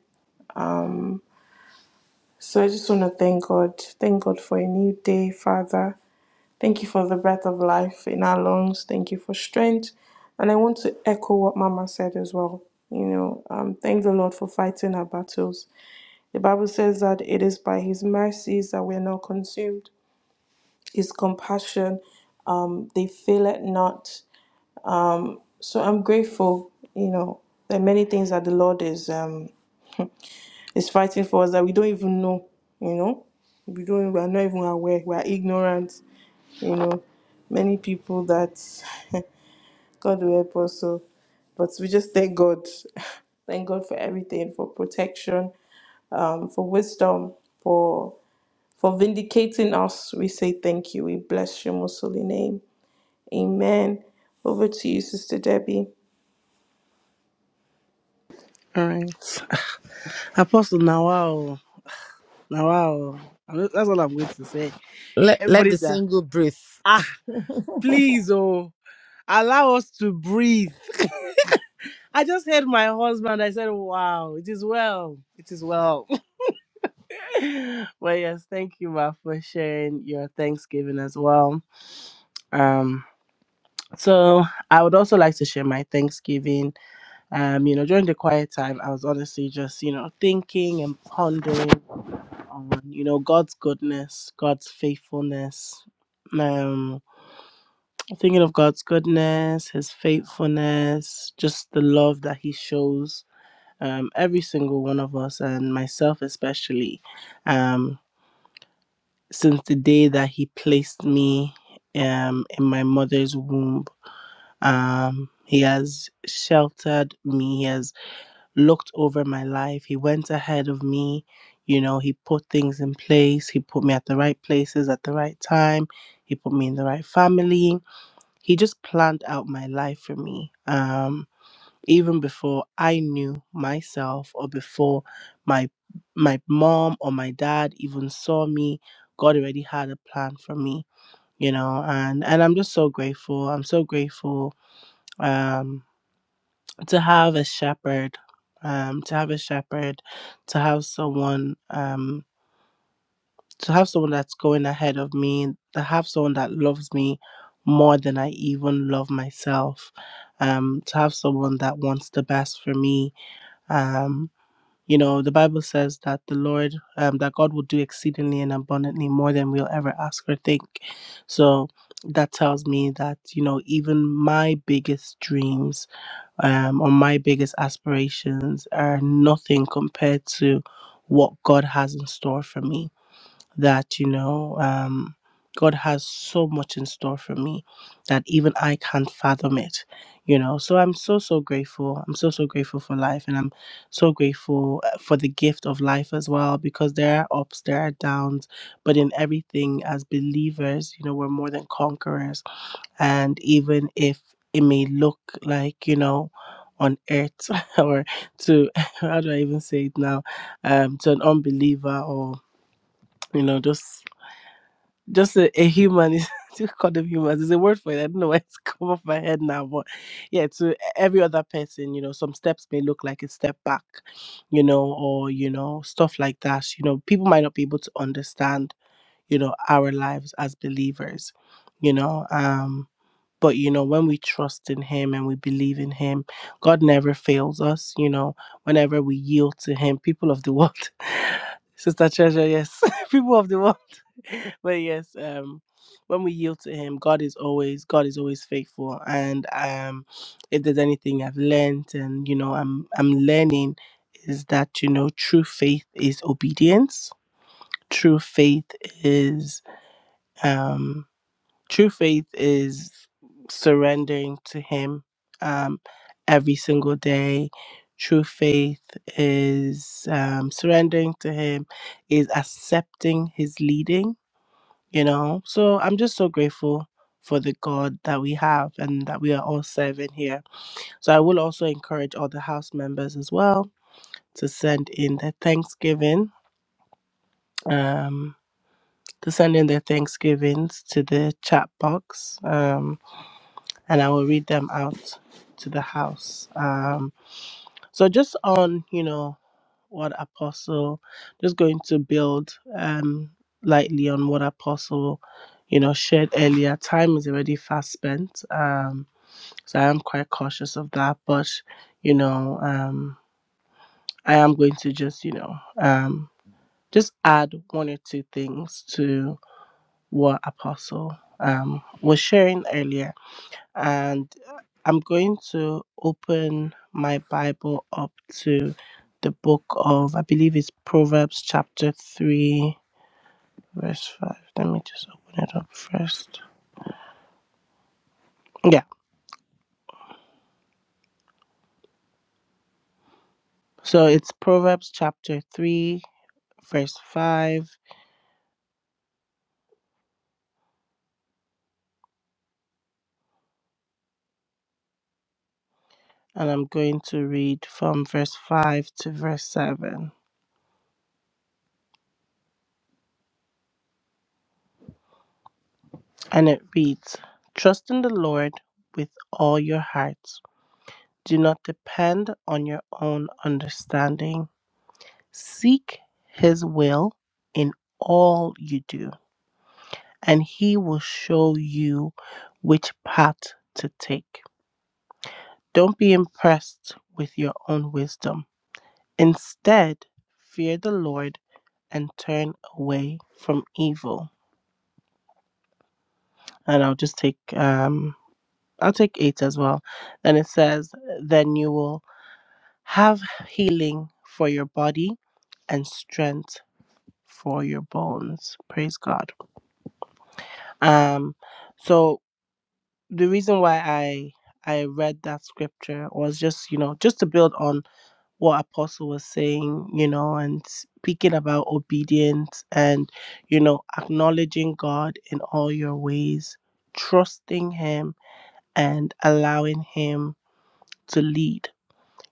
Speaker 3: Um, So I just want to thank God. Thank God for a new day, Father. Thank you for the breath of life in our lungs. Thank you for strength. And I want to echo what Mama said as well. You know, um, thank the Lord for fighting our battles. The Bible says that it is by His mercies that we are not consumed. His compassion, um, they fail it not. So I'm grateful. You know, there are many things that the Lord is. Um, is fighting for us that we don't even know, you know. We don't we are not even aware, we are ignorant, you know. Many people that God will help us so but we just thank God. Thank God for everything, for protection, um, for wisdom, for for vindicating us. We say thank you. We bless your most holy name. Amen. Over to you, Sister Debbie.
Speaker 1: All right. Apostle Nawal. Now, wow. I'm not- That's all I'm going to say.
Speaker 2: Let, let
Speaker 1: Everybody
Speaker 2: the
Speaker 1: that,
Speaker 2: single breathe.
Speaker 1: ah, please, oh, allow us to breathe. I just heard my husband. I said, wow, it is well. It is well. well, yes, thank you, Ma, for sharing your Thanksgiving as well. Um, so I would also like to share my Thanksgiving. Um, you know, during the quiet time, I was honestly just, you know, thinking and pondering on, you know, God's goodness, God's faithfulness. um. Thinking of God's goodness, His faithfulness, just the love that He shows um, every single one of us, and myself especially, um, since the day that He placed me um, in my mother's womb. Um, he has sheltered me, He has looked over my life, He went ahead of me. You know, He put things in place, He put me at the right places at the right time, He put me in the right family he just planned out my life for me um even before i knew myself or before my my mom or my dad even saw me god already had a plan for me you know and and i'm just so grateful i'm so grateful um to have a shepherd um to have a shepherd to have someone um, to have someone that's going ahead of me, to have someone that loves me more than I even love myself, um, to have someone that wants the best for me. Um, you know, the Bible says that the Lord, um, that God will do exceedingly and abundantly more than we'll ever ask or think. So that tells me that, you know, even my biggest dreams um, or my biggest aspirations are nothing compared to what God has in store for me that you know um, god has so much in store for me that even i can't fathom it you know so i'm so so grateful i'm so so grateful for life and i'm so grateful uh, for the gift of life as well because there are ups there are downs but in everything as believers you know we're more than conquerors and even if it may look like you know on earth or to how do i even say it now um to an unbeliever or you know, just just a, a human is still call them humans. There's a word for it. I don't know why it's come off my head now, but yeah, to every other person, you know, some steps may look like a step back, you know, or you know, stuff like that. You know, people might not be able to understand, you know, our lives as believers, you know. um. But you know, when we trust in Him and we believe in Him, God never fails us. You know, whenever we yield to Him, people of the world, Sister Treasure, yes, people of the world, but yes, um, when we yield to Him, God is always God is always faithful. And um, if there's anything I've learned, and you know, I'm I'm learning, is that you know, true faith is obedience. True faith is um. True faith is surrendering to Him um, every single day. True faith is um, surrendering to Him, is accepting His leading, you know. So I'm just so grateful for the God that we have and that we are all serving here. So I will also encourage all the house members as well to send in their Thanksgiving. Um, to send in their Thanksgivings to the chat box. Um, and I will read them out to the house. Um, so just on, you know, what Apostle, just going to build um, lightly on what Apostle, you know, shared earlier. Time is already fast spent, um, so I am quite cautious of that. But you know, um, I am going to just, you know, um, just add one or two things to what Apostle um, was sharing earlier and uh, I'm going to open my Bible up to the book of, I believe it's Proverbs chapter 3, verse 5. Let me just open it up first. Yeah, so it's Proverbs chapter 3, verse 5, and I'm going to read from verse 5 to verse 7. And it reads Trust in the Lord with all your heart, do not depend on your own understanding. Seek his will in all you do, and he will show you which path to take. Don't be impressed with your own wisdom. Instead, fear the Lord and turn away from evil. And I'll just take um I'll take 8 as well. Then it says, then you will have healing for your body and strength for your bones. Praise God. Um so the reason why I I read that scripture was just, you know, just to build on what Apostle was saying, you know, and speaking about obedience and, you know, acknowledging God in all your ways, trusting Him and allowing Him to lead.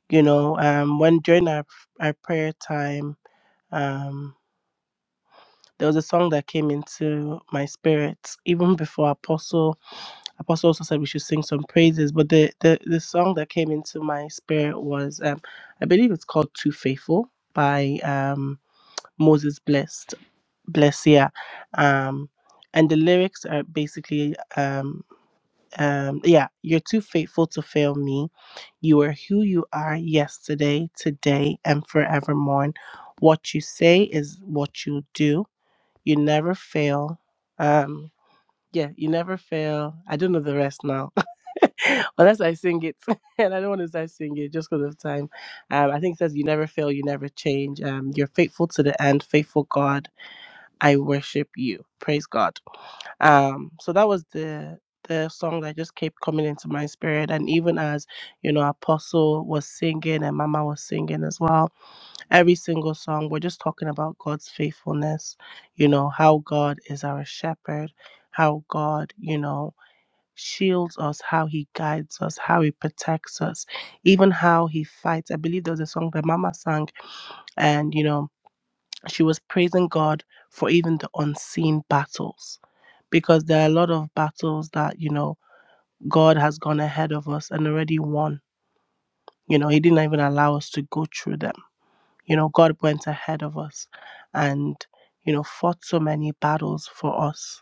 Speaker 1: You know, um, when during our, our prayer time, um, there was a song that came into my spirit even before Apostle Apostle also said we should sing some praises, but the the, the song that came into my spirit was um, I believe it's called Too Faithful by um, Moses Blessed Blessia. Um and the lyrics are basically um um yeah, you're too faithful to fail me. You are who you are yesterday, today, and forevermore. What you say is what you do. You never fail. Um yeah, you never fail. I don't know the rest now. Unless I sing it, and I don't want to start singing it just because of time. Um, I think it says, "You never fail, you never change. Um, you're faithful to the end, faithful God. I worship you. Praise God." Um, so that was the the song that just kept coming into my spirit, and even as you know, Apostle was singing and Mama was singing as well. Every single song, we're just talking about God's faithfulness. You know how God is our shepherd, how God, you know shields us, how he guides us, how he protects us, even how he fights. I believe there was a song that Mama sang, and you know, she was praising God for even the unseen battles. Because there are a lot of battles that, you know, God has gone ahead of us and already won. You know, He didn't even allow us to go through them. You know, God went ahead of us and, you know, fought so many battles for us.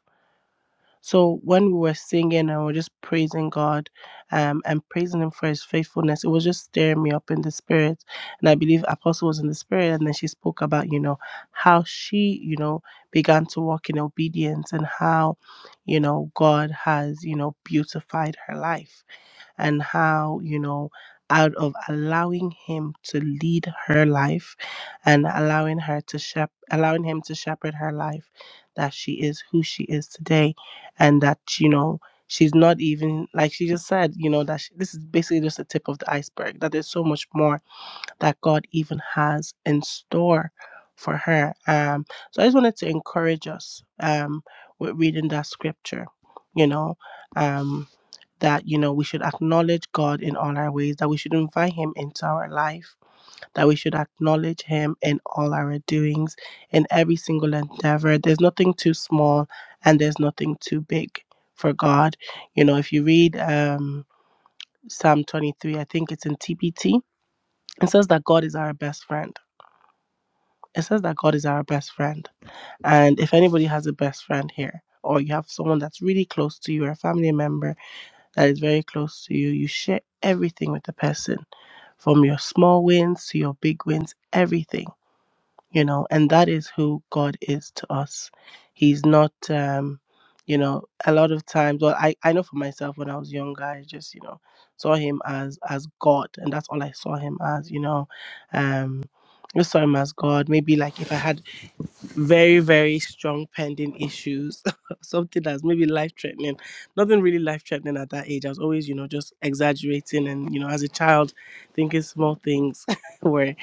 Speaker 1: So when we were singing and we are just praising God um, and praising Him for His faithfulness, it was just stirring me up in the spirit. And I believe Apostle was in the spirit, and then she spoke about you know how she you know began to walk in obedience and how you know God has you know beautified her life and how, you know, out of allowing him to lead her life and allowing her to shep- allowing him to shepherd her life that she is who she is today and that you know she's not even like she just said you know that she, this is basically just the tip of the iceberg that there's so much more that God even has in store for her. Um, so I just wanted to encourage us um, with reading that scripture, you know, um, that, you know, we should acknowledge God in all our ways, that we should invite Him into our life, that we should acknowledge Him in all our doings, in every single endeavor. There's nothing too small and there's nothing too big for God. You know, if you read um, Psalm 23, I think it's in TPT, it says that God is our best friend it says that God is our best friend. And if anybody has a best friend here, or you have someone that's really close to you, or a family member that is very close to you, you share everything with the person from your small wins to your big wins, everything, you know, and that is who God is to us. He's not, um, you know, a lot of times, well, I, I know for myself when I was younger, I just, you know, saw him as, as God, and that's all I saw him as, you know, um, just saw him as God. Maybe like if I had very very strong pending issues something that's maybe life threatening nothing really life threatening at that age i was always you know just exaggerating and you know as a child thinking small things were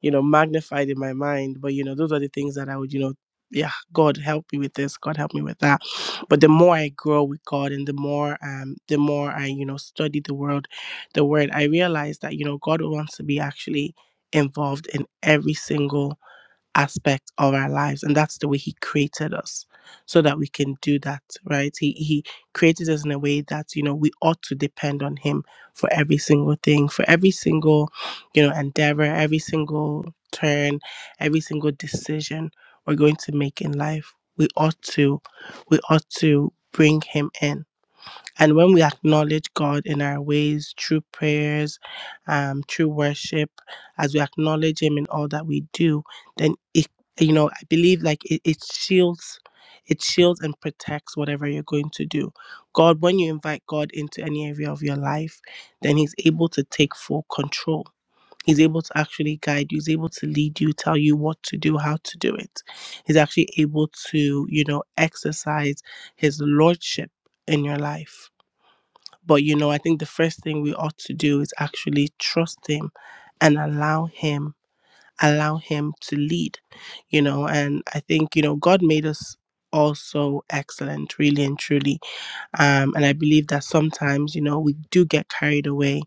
Speaker 1: you know magnified in my mind but you know those are the things that i would you know yeah god help me with this god help me with that but the more i grow with god and the more um the more i you know study the world the word i realize that you know god wants to be actually involved in every single aspect of our lives and that's the way he created us so that we can do that right he he created us in a way that you know we ought to depend on him for every single thing for every single you know endeavor every single turn every single decision we're going to make in life we ought to we ought to bring him in and when we acknowledge God in our ways, through prayers, um, through worship, as we acknowledge Him in all that we do, then it, you know, I believe like it, it shields, it shields and protects whatever you're going to do. God, when you invite God into any area of your life, then He's able to take full control. He's able to actually guide you. He's able to lead you, tell you what to do, how to do it. He's actually able to, you know, exercise his lordship in your life but you know, I think the first thing we ought to do is actually trust him and allow him, allow him to lead, you know. And I think, you know, God made us also excellent, really and truly. Um, and I believe that sometimes, you know, we do get carried away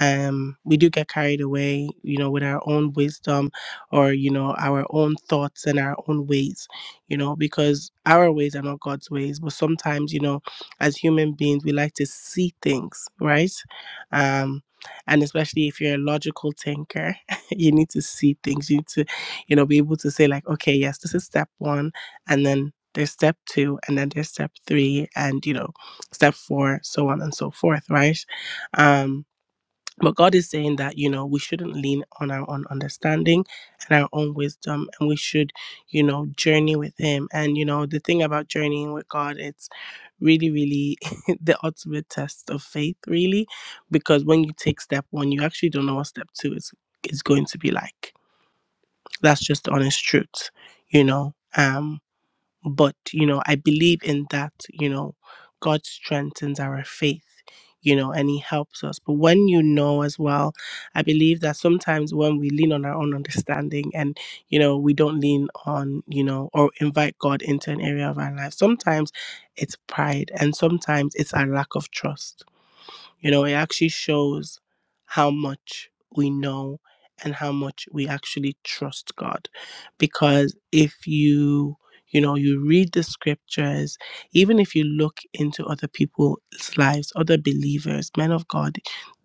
Speaker 1: um, we do get carried away, you know, with our own wisdom or, you know, our own thoughts and our own ways, you know, because our ways are not God's ways. But sometimes, you know, as human beings, we like to see things, right? Um, and especially if you're a logical thinker, you need to see things. You need to, you know, be able to say, like, okay, yes, this is step one. And then there's step two, and then there's step three, and, you know, step four, so on and so forth, right? Um, but god is saying that you know we shouldn't lean on our own understanding and our own wisdom and we should you know journey with him and you know the thing about journeying with god it's really really the ultimate test of faith really because when you take step one you actually don't know what step two is is going to be like that's just the honest truth you know Um, but you know i believe in that you know god strengthens our faith you know and he helps us but when you know as well i believe that sometimes when we lean on our own understanding and you know we don't lean on you know or invite god into an area of our life sometimes it's pride and sometimes it's our lack of trust you know, it actually shows how much we know and how much we actually trust God. Because if you, you know, you read the scriptures, even if you look into other people's lives, other believers, men of God,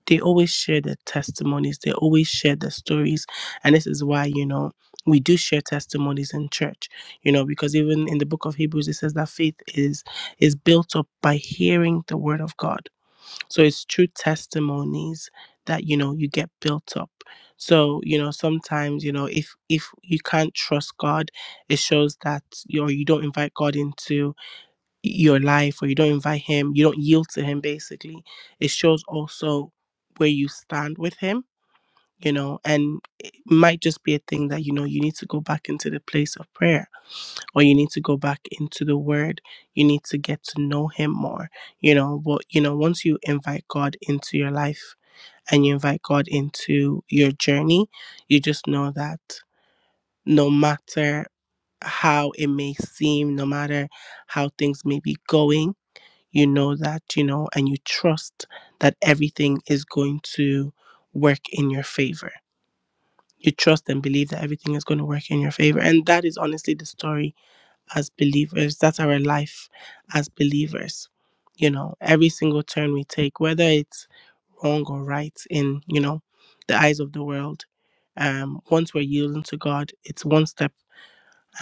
Speaker 1: they always share their testimonies, they always share their stories. And this is why, you know, we do share testimonies in church, you know, because even in the book of Hebrews, it says that faith is is built up by hearing the word of God so it's true testimonies that you know you get built up. So you know sometimes you know if if you can't trust God, it shows that you or you don't invite God into your life or you don't invite Him, you don't yield to Him. Basically, it shows also where you stand with Him you know and it might just be a thing that you know you need to go back into the place of prayer or you need to go back into the word you need to get to know him more you know but you know once you invite god into your life and you invite god into your journey you just know that no matter how it may seem no matter how things may be going you know that you know and you trust that everything is going to work in your favor you trust and believe that everything is going to work in your favor. And that is honestly the story as believers. That's our life as believers. You know, every single turn we take, whether it's wrong or right in, you know, the eyes of the world, um, once we're yielding to God, it's one step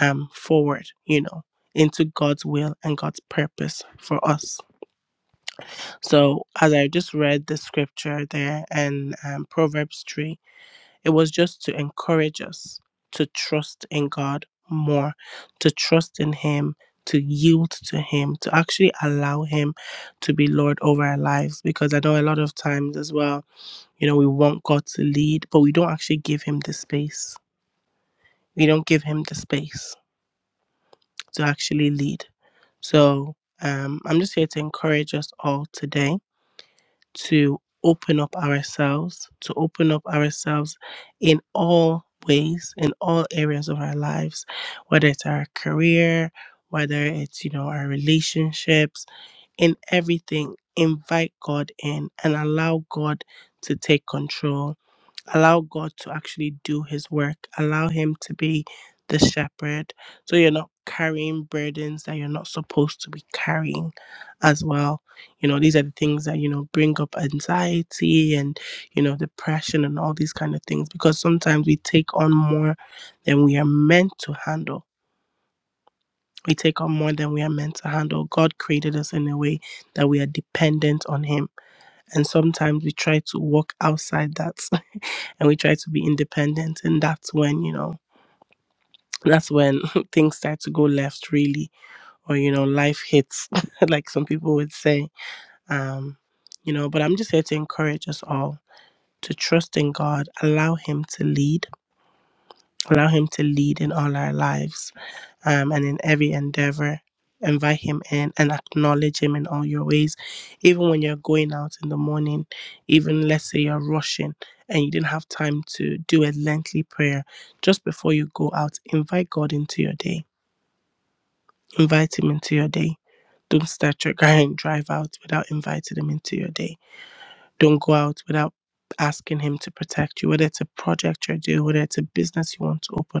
Speaker 1: um forward, you know, into God's will and God's purpose for us. So as I just read the scripture there in um, Proverbs 3, it was just to encourage us to trust in God more, to trust in Him, to yield to Him, to actually allow Him to be Lord over our lives. Because I know a lot of times as well, you know, we want God to lead, but we don't actually give Him the space. We don't give Him the space to actually lead. So um, I'm just here to encourage us all today to open up ourselves, to open up ourselves in all ways, in all areas of our lives, whether it's our career, whether it's, you know, our relationships, in everything, invite God in and allow God to take control allow God to actually do his work, allow him to be the shepherd. So you're not carrying burdens that you're not supposed to be carrying as well. You know, these are the things that, you know, bring up anxiety and, you know, depression and all these kind of things because sometimes we take on more than we are meant to handle. We take on more than we are meant to handle. God created us in a way that we are dependent on Him. And sometimes we try to walk outside that and we try to be independent and that's when you know that's when things start to go left really or you know life hits like some people would say um you know but i'm just here to encourage us all to trust in god allow him to lead allow him to lead in all our lives um, and in every endeavor. Invite him in and acknowledge him in all your ways. Even when you're going out in the morning, even let's say you're rushing and you didn't have time to do a lengthy prayer, just before you go out, invite God into your day. Invite him into your day. Don't start your car and drive out without inviting him into your day. Don't go out without asking him to protect you, whether it's a project you're doing, whether it's a business you want to open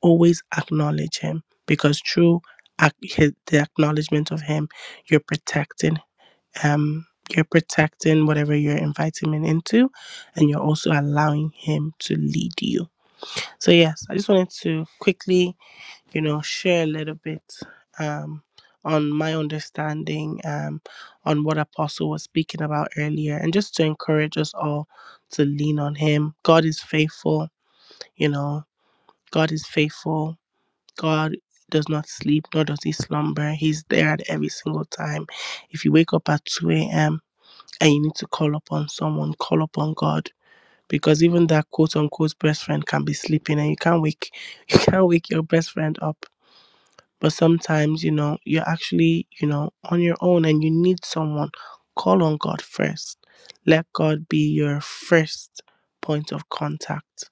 Speaker 1: always acknowledge him because through ac- his, the acknowledgement of him you're protecting um you're protecting whatever you're inviting him into and you're also allowing him to lead you so yes i just wanted to quickly you know share a little bit um on my understanding um on what apostle was speaking about earlier and just to encourage us all to lean on him god is faithful you know god is faithful God does not sleep, nor does he slumber. He's there at every single time. If you wake up at 2 a.m. and you need to call upon someone, call upon God. Because even that quote unquote best friend can be sleeping and you can't wake you can't wake your best friend up. But sometimes, you know, you're actually, you know, on your own and you need someone. Call on God first. Let God be your first point of contact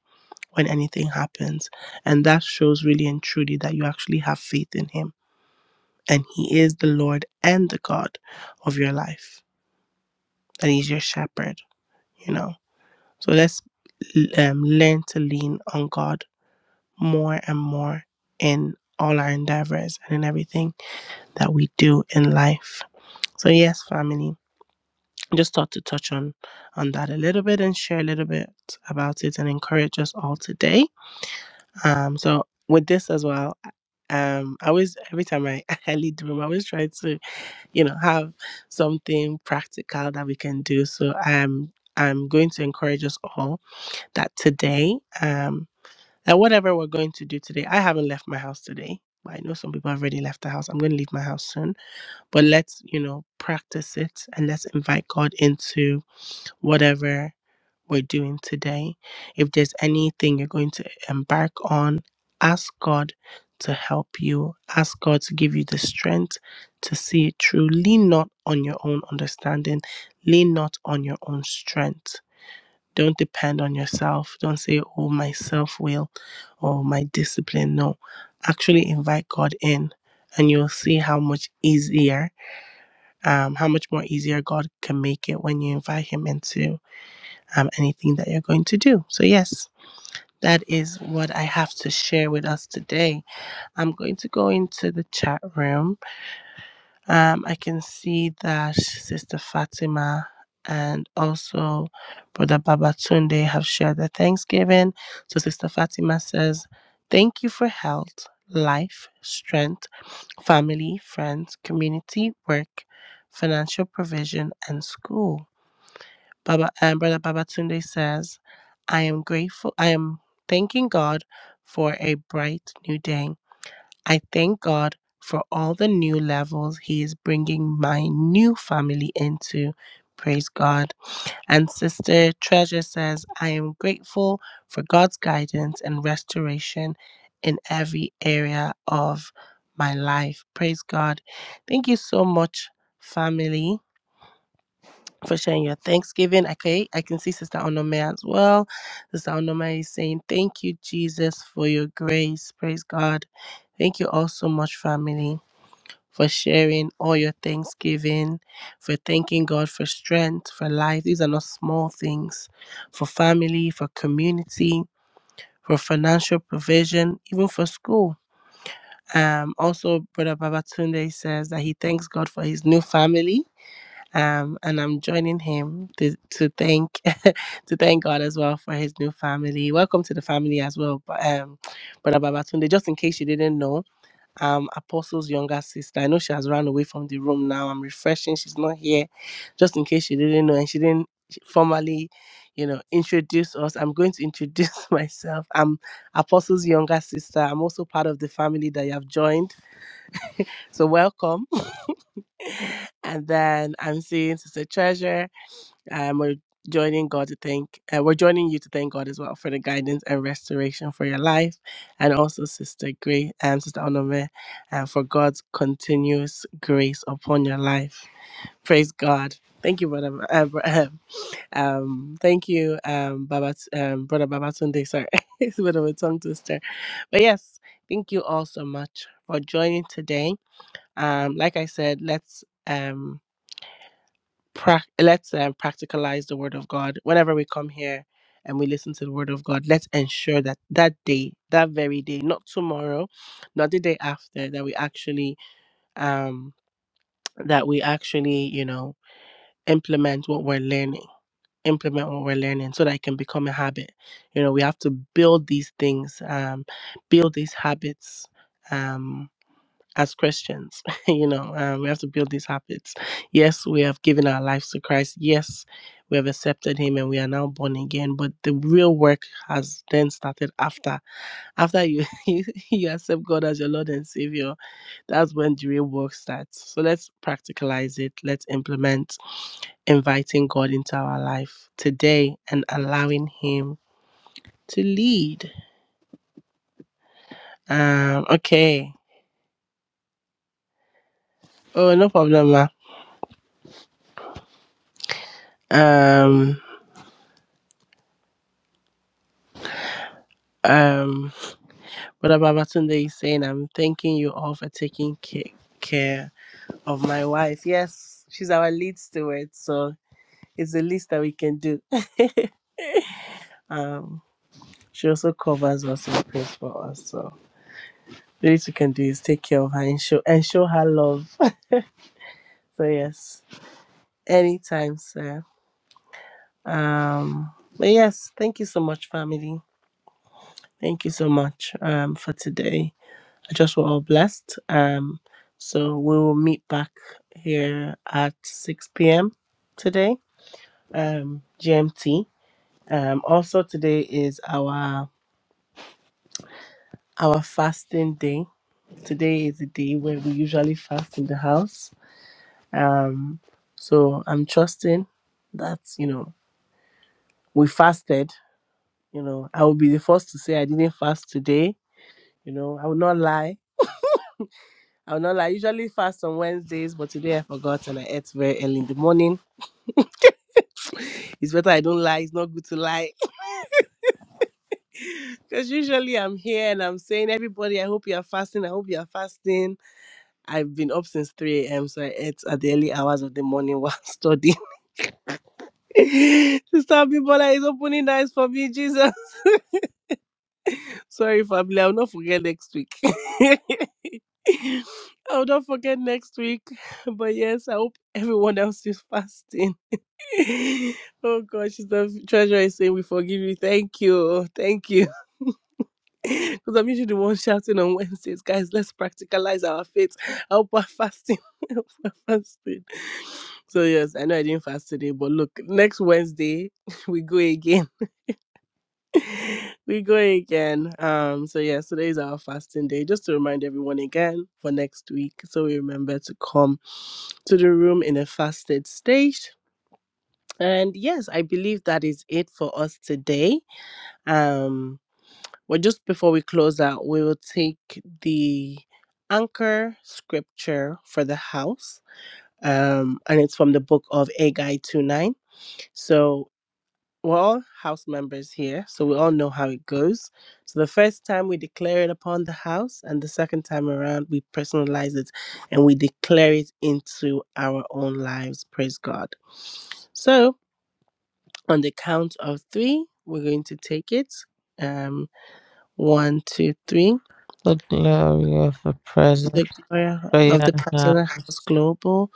Speaker 1: when anything happens. And that shows really and truly that you actually have faith in Him and he is the lord and the god of your life and he's your shepherd you know so let's um, learn to lean on god more and more in all our endeavors and in everything that we do in life so yes family just thought to touch on on that a little bit and share a little bit about it and encourage us all today um so with this as well um i always every time i, I lead the room i always try to you know have something practical that we can do so i'm i'm going to encourage us all that today um that whatever we're going to do today i haven't left my house today but i know some people have already left the house i'm going to leave my house soon but let's you know practice it and let's invite god into whatever we're doing today. If there's anything you're going to embark on, ask God to help you. Ask God to give you the strength to see it through. Lean not on your own understanding, lean not on your own strength. Don't depend on yourself. Don't say, oh, my self will or my discipline. No, actually invite God in, and you'll see how much easier, um, how much more easier God can make it when you invite Him into um, anything that you're going to do. So, yes, that is what I have to share with us today. I'm going to go into the chat room. Um, I can see that Sister Fatima and also Brother Babatunde have shared their Thanksgiving. So, Sister Fatima says, Thank you for health, life, strength, family, friends, community, work, financial provision, and school. Baba um, Brother Babatunde says, I am grateful. I am thanking God for a bright new day. I thank God for all the new levels He is bringing my new family into. Praise God. And Sister Treasure says, I am grateful for God's guidance and restoration in every area of my life. Praise God. Thank you so much, family for sharing your Thanksgiving. Okay, I can see Sister Onome as well. Sister Onome is saying, Thank you, Jesus, for your grace. Praise God. Thank you all so much, family, for sharing all your Thanksgiving, for thanking God for strength, for life. These are not small things for family, for community, for financial provision, even for school. Um, also, Brother Babatunde says that he thanks God for his new family um, and I'm joining him to, to thank to thank God as well for his new family. Welcome to the family as well, but um, Brother Babatunde. Just in case you didn't know, um, Apostle's younger sister. I know she has run away from the room now. I'm refreshing. She's not here. Just in case you didn't know, and she didn't formally, you know, introduce us. I'm going to introduce myself. I'm Apostle's younger sister. I'm also part of the family that you have joined. So welcome. and then I'm seeing Sister Treasure and we're joining God to thank. Uh, we're joining you to thank God as well for the guidance and restoration for your life, and also Sister Gray and Sister Onome, and for God's continuous grace upon your life. Praise God. Thank you, brother. Uh, Br- um, thank you, um, Baba, um, brother Babatunde. Sorry, it's a bit of a tongue twister, but yes, thank you all so much for joining today. Um, like I said, let's. um prac- let's um, practicalize the word of God whenever we come here and we listen to the word of God. Let's ensure that that day, that very day, not tomorrow, not the day after, that we actually, um, that we actually, you know, implement what we're learning. Implement what we're learning so that it can become a habit. You know, we have to build these things, um, build these habits. um as Christians. you know, um, we have to build these habits. Yes, we have given our lives to Christ. Yes, we have accepted Him and we are now born again. But the real work has then started after. After you you, you accept God as your Lord and Savior, that's when the real work starts. So let's practicalize it. Let's implement inviting God into our life today and allowing Him to lead. Um, okay. Oh, no problem, ma. Um, um, Brother Babatunde is saying, I'm thanking you all for taking ca- care of my wife. Yes, she's our lead steward, so it's the least that we can do. um, she also covers us and prays for us. So the least we can do is take care of her and show and show her love. So yes, anytime, sir. Um, but yes, thank you so much, family. Thank you so much um, for today I just we're all blessed. Um, so we will meet back here at 6 p.m. today, um, GMT. Um, also today is our our fasting day. Today is the day where we usually fast in the house. Um, so I'm trusting that you know we fasted. You know, I will be the first to say I didn't fast today. You know, I will not lie. I will not lie. I usually fast on Wednesdays, but today I forgot and I ate very early in the morning It's better I don't lie. It's not good to lie. Because usually I'm here and I'm saying, everybody, I hope you are fasting. I hope you are fasting. I've been up since 3 a.m. So I ate at the early hours of the morning while studying. Sister Abibola is opening the eyes for me, Jesus. Sorry, family. I'll not forget next week. I'll not forget next week. But yes, I hope everyone else is fasting. oh gosh, the treasure is saying we forgive you. Thank you. Thank you. Because I'm usually the one shouting on Wednesdays, guys, let's practicalize our faith. Help our fasting. Help our fasting. So, yes, I know I didn't fast today, but look, next Wednesday, we go again. we go again. Um, so yes, today is our fasting day. Just to remind everyone again for next week. So we remember to come to the room in a fasted state. And yes, I believe that is it for us today. Um. Well, just before we close out, we will take the anchor scripture for the house. Um, and it's from the book of Agai 2 9. So we're all house members here, so we all know how it goes. So the first time we declare it upon the house, and the second time around, we personalize it and we declare it into our own lives. Praise God. So on the count of three, we're going to take it. Um, one, two, three.
Speaker 2: The glory of the present
Speaker 1: the glory of
Speaker 2: prayer
Speaker 1: the
Speaker 2: now
Speaker 1: President
Speaker 2: is
Speaker 1: House Global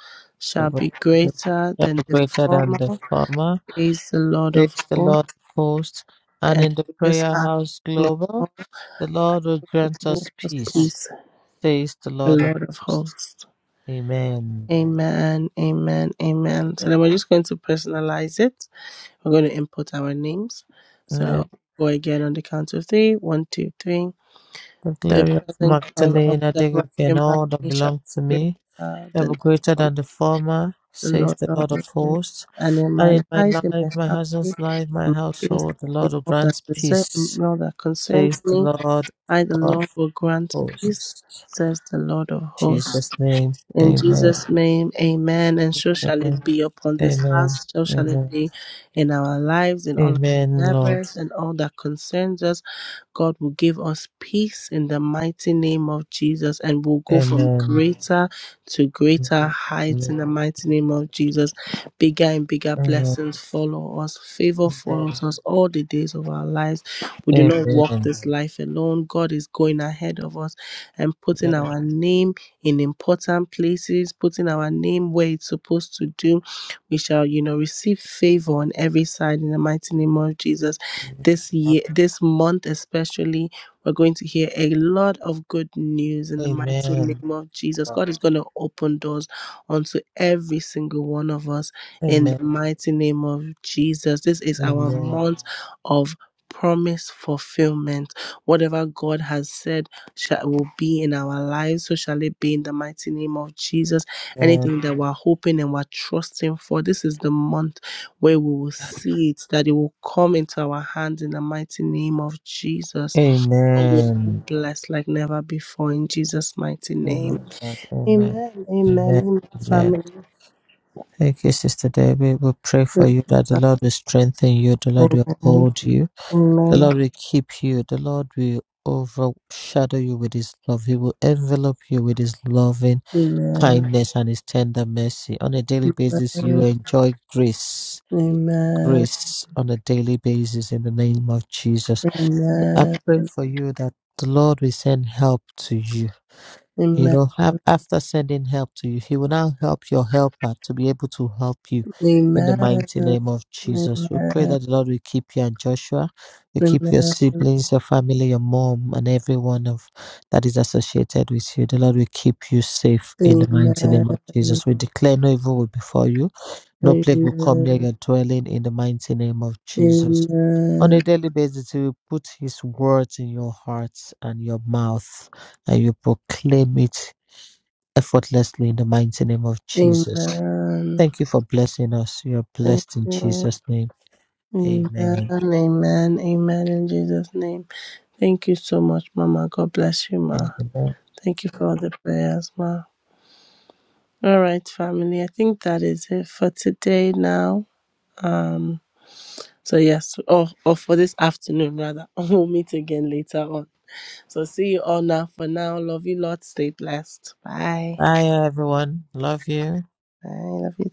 Speaker 2: the
Speaker 1: shall
Speaker 2: work
Speaker 1: be
Speaker 2: of the
Speaker 1: greater than
Speaker 2: devil
Speaker 1: the
Speaker 2: greater than the
Speaker 1: former,
Speaker 2: former.
Speaker 1: praise the Lord of
Speaker 2: Praise the Lord
Speaker 1: hosts,
Speaker 2: of hosts. And
Speaker 1: and
Speaker 2: in the
Speaker 1: this
Speaker 2: prayer
Speaker 1: house
Speaker 2: house global,
Speaker 1: global
Speaker 2: the Lord will
Speaker 1: the
Speaker 2: grant
Speaker 1: Prince
Speaker 2: us
Speaker 1: of
Speaker 2: peace
Speaker 1: peace,
Speaker 2: Praise the
Speaker 1: the
Speaker 2: Lord of
Speaker 1: Lord of
Speaker 2: hosts.
Speaker 1: hosts.
Speaker 2: Amen.
Speaker 1: Amen, amen, amen. So then we're just going to personalize it. We're going to input our names.
Speaker 2: Let
Speaker 1: So go again on the count of three. One, two, three.
Speaker 2: the
Speaker 1: The
Speaker 2: glory of
Speaker 1: present of, of
Speaker 2: Magdalena
Speaker 1: the
Speaker 2: Digak
Speaker 1: Rakim
Speaker 2: and all that
Speaker 1: shall
Speaker 2: belong to
Speaker 1: be
Speaker 2: me
Speaker 1: greater than
Speaker 2: ever
Speaker 1: the
Speaker 2: greater
Speaker 1: former.
Speaker 2: than the former,
Speaker 1: the
Speaker 2: says
Speaker 1: Lord
Speaker 2: the
Speaker 1: of
Speaker 2: Lord of hosts.
Speaker 1: and in
Speaker 2: And
Speaker 1: my
Speaker 2: in my
Speaker 1: life, in
Speaker 2: life,
Speaker 1: my
Speaker 2: my
Speaker 1: family, in
Speaker 2: husband's life, my
Speaker 1: my business,
Speaker 2: household, the
Speaker 1: in
Speaker 2: Lord will
Speaker 1: all that
Speaker 2: grant
Speaker 1: deserve,
Speaker 2: peace,
Speaker 1: in all that concerns
Speaker 2: says the
Speaker 1: me,
Speaker 2: Lord
Speaker 1: I, the
Speaker 2: of
Speaker 1: Lord, will grant peace,
Speaker 2: hosts. In
Speaker 1: says the Lord of hosts.
Speaker 2: Jesus' name.
Speaker 1: In
Speaker 2: Amen.
Speaker 1: Jesus' name, amen. And so shall it be upon this
Speaker 2: Amen.
Speaker 1: house, so shall it
Speaker 2: Amen.
Speaker 1: be in our lives, in all our
Speaker 2: Amen, Lord.
Speaker 1: endeavors, and all that concerns us. God will give us peace in the mighty name of Jesus, and we'll go from
Speaker 2: Amen.
Speaker 1: greater to greater heights in
Speaker 2: Amen.
Speaker 1: the mighty name of Jesus. Bigger and bigger
Speaker 2: Amen.
Speaker 1: blessings follow us. Favor follows us all the days of our lives. We do not walk
Speaker 2: Amen.
Speaker 1: this life alone. God is going ahead of us and putting
Speaker 2: Amen.
Speaker 1: our name in important places, putting our name where it's supposed to do. We shall, you know, receive favor on every side in the mighty name of Jesus. This year, this month especially, we're going to hear a lot of good news in the mighty
Speaker 2: Amen.
Speaker 1: name of Jesus. God is going to open doors onto every single one of us in
Speaker 2: Amen.
Speaker 1: the mighty name of Jesus. This is our
Speaker 2: Amen.
Speaker 1: month of promise fulfillment. Whatever God has said shall will be in our lives, so shall it be in the mighty name of Jesus.
Speaker 2: Amen.
Speaker 1: Anything that we're hoping and we're trusting for, this is the month where we will see it, that it will come into our hands in the mighty name of Jesus. Oh, we are
Speaker 2: Amen.
Speaker 1: blessed like never before in Jesus' mighty name.
Speaker 2: Amen. Amen.
Speaker 1: Amen. Amen.
Speaker 2: Amen.
Speaker 1: Amen.
Speaker 2: Amen.
Speaker 1: Family.
Speaker 2: Thank you, Sister Debbie. We pray for you that the Lord will strengthen you, the Lord will
Speaker 1: Amen.
Speaker 2: uphold you, the
Speaker 1: Amen.
Speaker 2: Lord will keep you, the Lord will overshadow you with his love. He will envelop you with his loving
Speaker 1: Amen.
Speaker 2: kindness and his tender mercy. On a daily basis, you enjoy grace,
Speaker 1: Amen.
Speaker 2: grace on a daily basis in the name of Jesus. I pray for you that the Lord will send help to you. You
Speaker 1: Amen.
Speaker 2: know, af- after sending help to you, He will now help your helper to be able to help you in the
Speaker 1: Amen.
Speaker 2: mighty name of Jesus. We pray
Speaker 1: Amen.
Speaker 2: that the Lord will keep you and Joshua, will
Speaker 1: Amen.
Speaker 2: keep your siblings, your family, your mom, and everyone of that is associated with you. The Lord will keep you safe in the
Speaker 1: Amen.
Speaker 2: mighty name of
Speaker 1: Amen.
Speaker 2: Jesus. We declare no evil will befall you. No plague will come near
Speaker 1: Amen.
Speaker 2: your dwelling in the mighty name of Jesus. On a daily basis, He will put His words in your hearts and your mouth, and you proclaim it effortlessly in the mighty name of Jesus.
Speaker 1: Amen.
Speaker 2: Thank you for blessing us. You're
Speaker 1: Thank
Speaker 2: blessed in
Speaker 1: you.
Speaker 2: Jesus' name.
Speaker 1: Amen.
Speaker 2: Amen.
Speaker 1: Amen. Amen. In Jesus' name. Thank you so much, Mama. God bless you, Ma.
Speaker 2: Amen.
Speaker 1: Thank you for all the prayers, Ma. All right, family. I think that is it for today now. Um. So yes, or or for this afternoon rather. We'll meet again later on. So see you all now. For now, love you, Lord. Stay blessed. Bye.
Speaker 2: Bye, everyone. Love you.
Speaker 1: Bye. Love you. too.